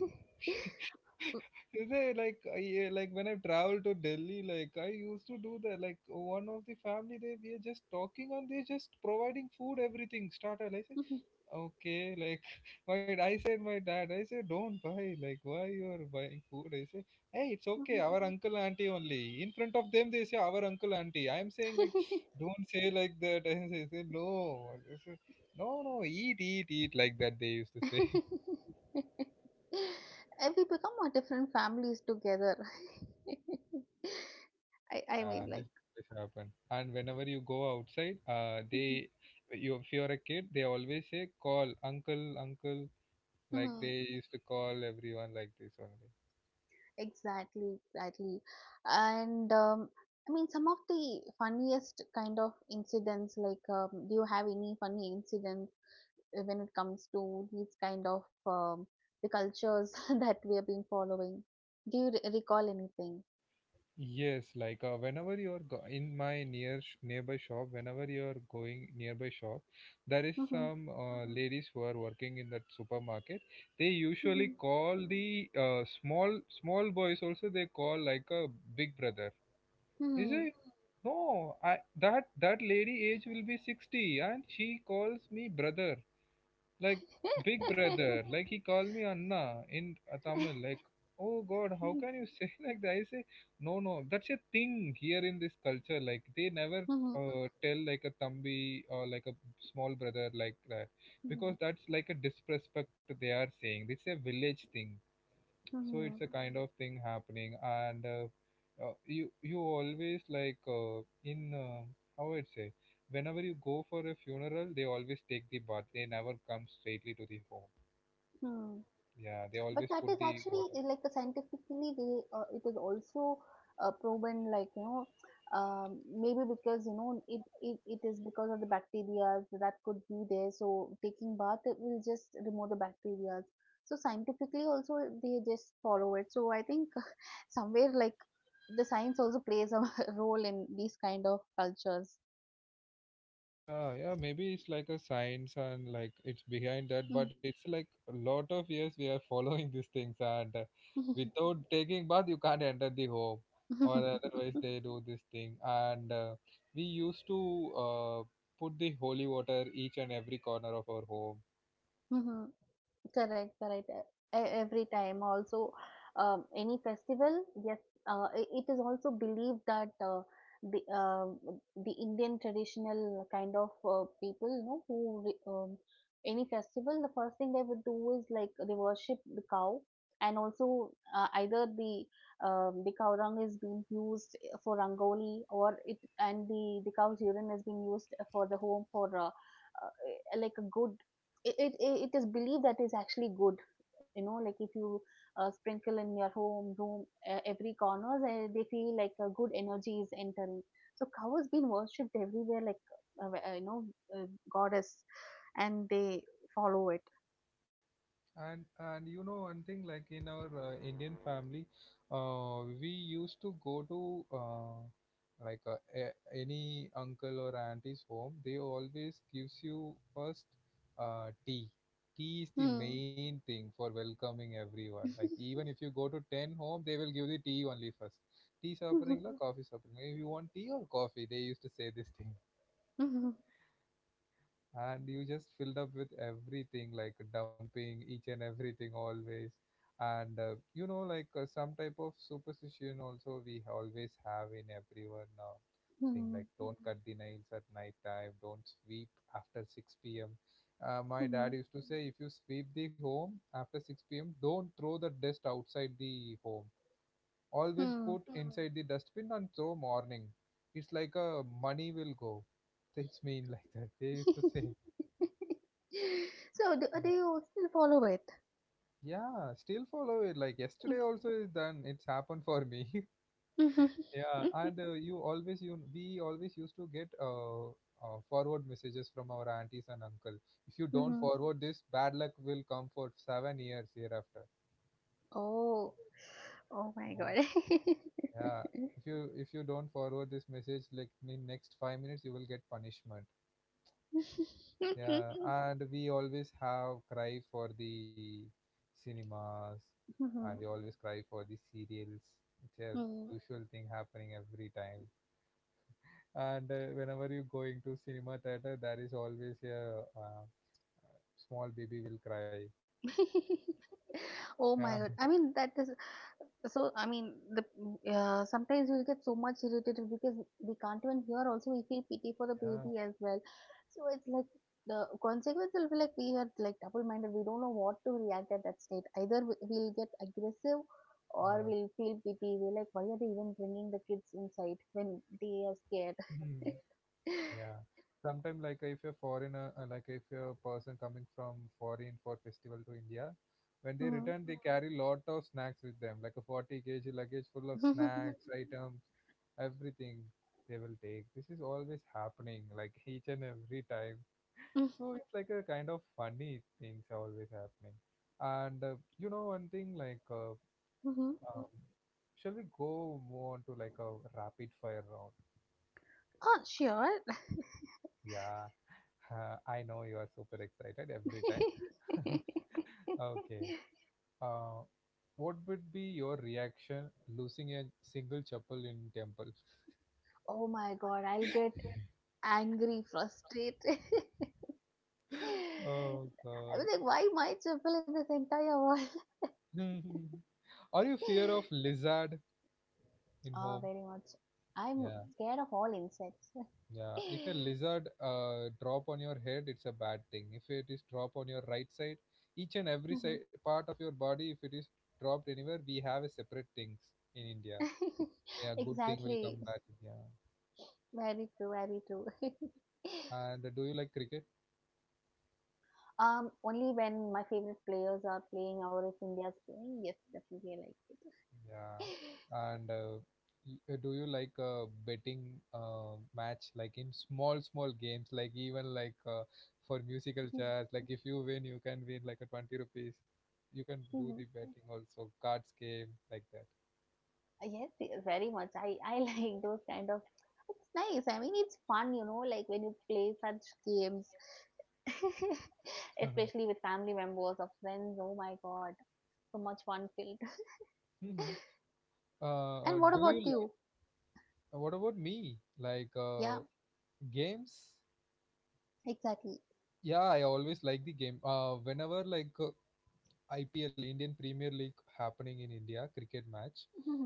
S1: Is there like I, uh, like when I travel to Delhi, like I used to do that. Like one of the family, they we are just talking and they're just providing food, everything starter. I say okay, like why I said my dad, I say don't buy. Like why you are buying food? I say hey, it's okay. Our uncle auntie only. In front of them, they say our uncle auntie. I am saying like don't say like that. I say no. I say, no, no, eat, eat, eat like that. They used to say.
S2: And we become our different families together. I, I
S1: Yeah,
S2: mean, like,
S1: this always happen. And whenever you go outside, uh,
S2: Mhm.
S1: they, you if you're a kid, they always say call uncle, uncle. Like
S2: Mhm.
S1: they used to call everyone like this only.
S2: Exactly, exactly. And um, I mean, some of the funniest kind of incidents, like, um, do you have any funny incidents uh, when it comes to these kind of um, the cultures that we have been following? Do you re- recall anything?
S1: Yes, like uh, whenever you're go in my near sh nearby shop, whenever you're going nearby shop, there is
S2: Mhm.
S1: some uh, ladies who are working in that supermarket. They
S2: Mhm.
S1: usually call the uh, small small boys also. They call like a big brother. Is
S2: Mhm.
S1: it? No, I that that lady age will be sixty and she calls me brother. Like big brother. Like he called me Anna in uh, Tamil. Like, oh God, how can you say like that? I say, no, no, that's a thing here in this culture. Like they never
S2: Mhm. Mhm.
S1: uh, tell like a thambi or like a small brother like that, because that's like a disrespect they are saying. It's a village thing. So
S2: Hmm,
S1: it's a kind of thing happening. And uh, uh, you you always like uh, in uh, how I'd say, whenever you go for a funeral they always take the bath, they never come straightly to the home.
S2: hmm.
S1: Yeah, they
S2: But
S1: always
S2: that
S1: put
S2: is
S1: the
S2: actually
S1: water.
S2: uh, like a scientifically they uh, it is also uh, proven like you know um, maybe because you know it, it it is because of the bacteria that could be there, so taking bath it will just remove the bacteria, so scientifically also they just follow it, so I think somewhere like the science also plays a role in these kind of cultures.
S1: Yeah, yeah, maybe it's like a science and like it's behind that,
S2: Mm.
S1: but it's like a lot of years we are following these things, and uh, without taking bath, you can't enter the home, or otherwise they do this thing. And uh, we used to uh, put the holy water each and every corner of our home.
S2: Mhm. Correct, correct. E- Every time, also, um, any festival, yes, uh, i- it is also believed that uh, the um the Indian traditional kind of uh, people, you know, who re- um, any festival, the first thing they would do is like they worship the cow, and also uh, either the um, the cow dung is being used for rangoli, or it and the the cow's urine is being used for the home for uh, uh, like a good it it it it is believed that is actually good, you know, like if you uh, sprinkle in your home room uh, every corner, they, they feel like a good energy is entering, so cow has been worshipped everywhere like uh, uh, you know uh, goddess and they follow it.
S1: And and you know one thing, like in our uh, indian family, uh, we used to go to uh, like uh, a- any uncle or auntie's home, they always gives you first uh, tea Tea is the main thing for welcoming everyone, like even if you go to ten home they will give the tea only first. Tea
S2: Hmm.
S1: suffering coffee suffering, if you want tea or coffee they used to say this thing.
S2: Hmm.
S1: And you just filled up with everything like dumping each and everything always. And uh, you know like uh, some type of superstition also we always have in everyone now, thing
S2: Hmm.
S1: like don't cut the nails at night time, don't sweep after six p.m. uh, my dad
S2: Hmm.
S1: used to say if you sweep the home after six p.m. don't throw the dust outside the home, always
S2: Hmm.
S1: put inside the dustbin and throw morning. It's like a money will go, it's mean like that they used to say.
S2: So do, uh, do you still follow it?
S1: Yeah, still follow it. Like yesterday also is done. It's happened for me.
S2: Mhm.
S1: Yeah, and uh, you always you we always used to get uh, uh forward messages from our aunties and uncle. If you don't
S2: Mhm.
S1: forward this, bad luck will come for seven years hereafter.
S2: Oh, oh my god.
S1: Uh, yeah, if you if you don't forward this message, like in next five minutes, you will get punishment. Yeah, and we always have cry for the cinemas, and we
S2: Mhm.
S1: always cry for the serials. It's a
S2: Mm.
S1: usual thing happening every time. And uh, whenever you're going to cinema theater, there is always a uh, small baby will cry.
S2: Oh my
S1: Yeah,
S2: God. I mean, that is so. I mean, the uh, sometimes we get so much irritated because we can't even hear. Also, we feel pity for the baby as well. So it's like the consequence will be like we are like double-minded. We don't know what to react at that state. Either we- we'll get aggressive or
S1: yeah,
S2: we'll feel pity. We're like, why are they even bringing the kids inside when they are scared?
S1: yeah. Yeah. Sometimes, like if a foreigner, uh, like if a person coming from foreign for festival to India, when they
S2: Mhm.
S1: return, they carry lot of snacks with them, like a forty k g luggage full of snacks, items, everything they will take. This is always happening, like each and every time. So it's like a kind of funny things are always happening. And uh, you know one thing, like uh,
S2: Mhm.
S1: um, shall we go more on to like a rapid fire round?
S2: Oh, sure.
S1: Yeah. Uh, I know you are super excited every time. Okay. Uh, what would be your reaction losing a single chapel in temple?
S2: Oh my god, I'll get angry, frustrated.
S1: Oh
S2: I was
S1: God.
S2: like, why my chapel in this entire world?
S1: Are you fear of lizard in
S2: Oh,
S1: home?
S2: very much. I'm
S1: Yeah,
S2: scared of all insects.
S1: yeah. If a lizard uh, drop on your head, it's a bad thing. If it is drop on your right side, each and every
S2: Mhm.
S1: side part of your body, if it is dropped anywhere, we have a separate things in India. Yeah, good thing will
S2: Exactly.
S1: come back. Yeah.
S2: Very true, very true.
S1: And do you like cricket?
S2: um, only when my favorite players are playing or if India's playing, yes, definitely
S1: Yeah,
S2: I
S1: and uh, y- uh, do you like uh, betting uh, match, like in small small games, like even like uh, for
S2: like
S1: musical chairs, like if you win you can win like a twenty rupees, you can
S2: it.
S1: do the betting also cards game like that.
S2: Uh, Yes, y- very much. I, I like those kind of. It's nice. I mean, it's fun, you know, like when you play such games, especially with family members or friends. Oh my god, so much fun filled.
S1: Mhm. Uh,
S2: And
S1: uh,
S2: what
S1: do you
S2: about
S1: like
S2: you?
S1: uh, what about me? Like
S2: Yeah,
S1: uh, games?
S2: exactly.
S1: Yeah, I always like the game. Uh, whenever like uh, I P L Indian Premier League happening in India cricket match,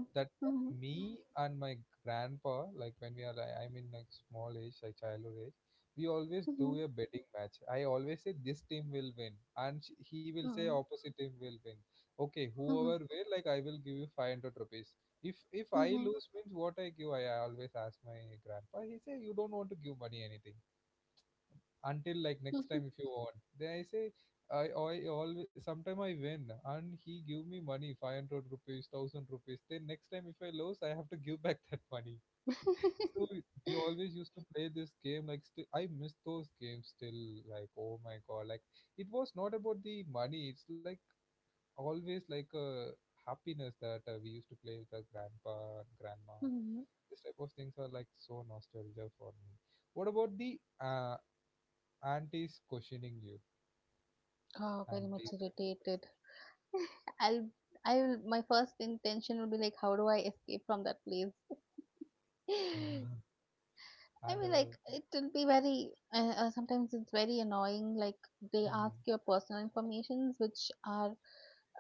S1: that
S2: Mhm,
S1: me and my grandpa, like when we are, like, I'm in like small age, like childhood age, we always
S2: mhm,
S1: do a betting match. I always say this team will win, and sh- he will say
S2: mhm,
S1: opposite team will win. Okay, whoever
S2: mhm,
S1: win, like I will give you five hundred rupees. If if I
S2: mhm,
S1: lose means what I give, I, I always ask my grandpa. He say you don't want to give money anything until like next
S2: mhm,
S1: time if you want, then i say i i always sometime I win, and he give me money five hundred rupees thousand rupees, then next time if I lose I have to give back that money.
S2: mhm.
S1: So we always used to play this game, like still I miss those games still, like oh my god, like it was not about the money, it's like always like a happiness that uh, we used to play with our grandpa grandma.
S2: Mhm.
S1: This type of things are like so nostalgia for me. What about the uh, aunties questioning you?
S2: Oh, very
S1: Aunties
S2: much
S1: and
S2: irritated. I'll, I'll, my first intention will be like, how do I escape from that place?
S1: uncles.
S2: I
S1: And
S2: mean, like,
S1: uh,
S2: it will be very, uh, uh, sometimes it's very annoying. Like, they ask your
S1: mhm.
S2: personal informations, which are,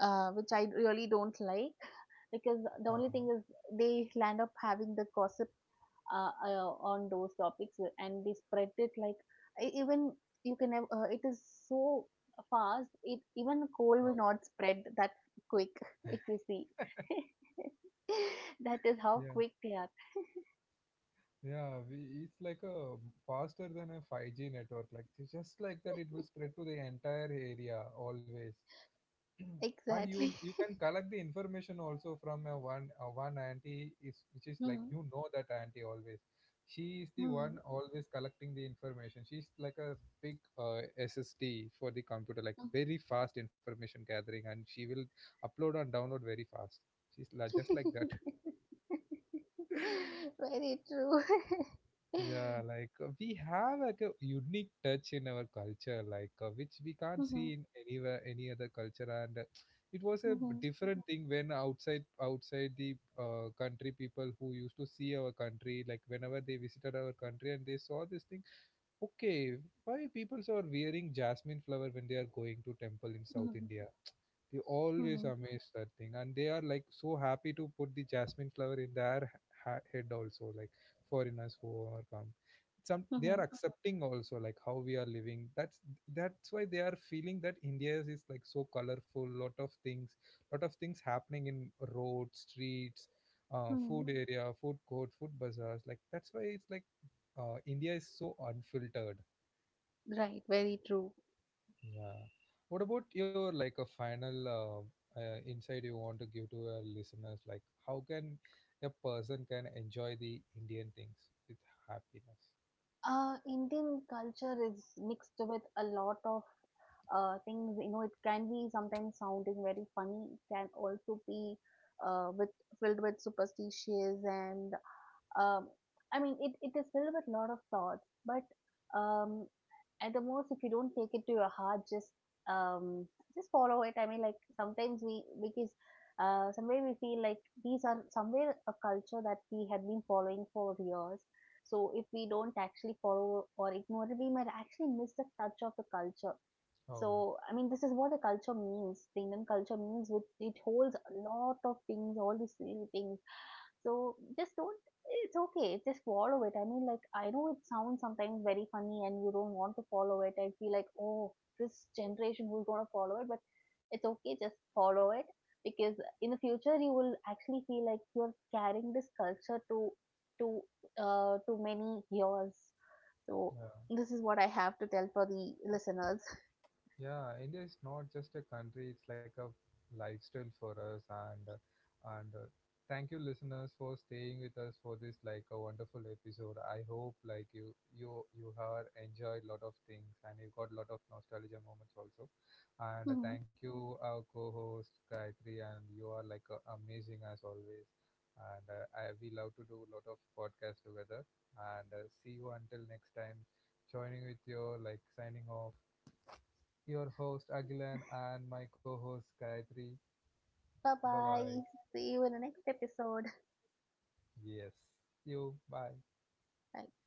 S2: uh, which I really don't like. Because the only
S1: uh,
S2: thing is, they land up having the gossip uh, uh, on those topics uh, and they spread it like, e- even you can have, uh, it is so fast, it even coal will
S1: oh.
S2: not spread that quick, if you see. That is how
S1: Yeah,
S2: quick they are.
S1: yeah, we, it's like a faster than a five G network. Like ju- just like that, it will spread to the entire area always. And
S2: Exactly.
S1: you you can collect the information also from a one a one auntie, is which is like you know that auntie always, she is the one
S2: Mhm.
S1: always collecting the information, she's like a big uh, S S D for the computer, like very fast information gathering, and she will upload and download very fast. She's la- just like that.
S2: Very true.
S1: Yeah, like uh, we have like a unique touch in our culture, like uh, which we can't see
S2: Mhm,
S1: in anywhere any other culture. And uh, it was a b-
S2: mhm,
S1: different thing, when outside outside the uh, country people who used to see our country, like whenever they visited our country and they saw this thing, okay, why people are wearing jasmine flower when they are going to temple in South
S2: mhm,
S1: India? They always
S2: mhm,
S1: amaze that thing, and they are like so happy to put the jasmine flower in their ha- head also, like foreigners who are come. Some they are
S2: mhm,
S1: accepting also like how we are living. That's that's why they are feeling that India is like so colorful, lot of things, lot of things happening in roads, streets, uh,
S2: mhm.
S1: food area, food court, food bazaars. Like that's why it's like uh, India is so unfiltered.
S2: Right, very true.
S1: Yeah. What about your like a final uh, uh, insight you want to give to our listeners? Like, how can a person can enjoy the Indian things with happiness?
S2: Uh, Indian culture is mixed with a lot of uh, things. You know, it can be sometimes sounding very funny. It can also be uh, with filled with superstitions and um, I mean, it, it is filled with a lot of thoughts. But um, at the most if you don't take it to your heart, just um just follow it. I mean, like sometimes we because uh somewhere we feel like these are somewhere a culture that we have been following for years, so if we don't actually follow or ignore it, we might actually miss the touch of the culture.
S1: Oh,
S2: So I mean this is what the culture means, the Indian culture means, with it holds a lot of things, all these little things. So just don't, it's okay, just follow it. I mean, like, I know it sounds sometimes very funny and you don't want to follow it and feel like, oh, this generation who's going to follow it, but it's okay, just follow it because in the future you will actually feel like you're carrying this culture to to uh, to many years. So
S1: yeah.
S2: this is what I have to tell for the listeners.
S1: Yeah, India is not just a country, it's like a lifestyle for us. And uh, and uh, thank you listeners for staying with us for this like a wonderful episode. I hope like you you you have enjoyed lot of things and you got lot of nostalgia moments also. And
S2: Bye
S1: uh, thank you our co-host Gayatri, and you are like uh, amazing as always. And uh, I we love to do a lot of podcasts together, and uh, see you until next time, joining with your like signing off, your host Agilan and my co-host Gayatri. Bye bye.
S2: bye. See you in the next episode.
S1: Yes. You bye.
S2: Bye.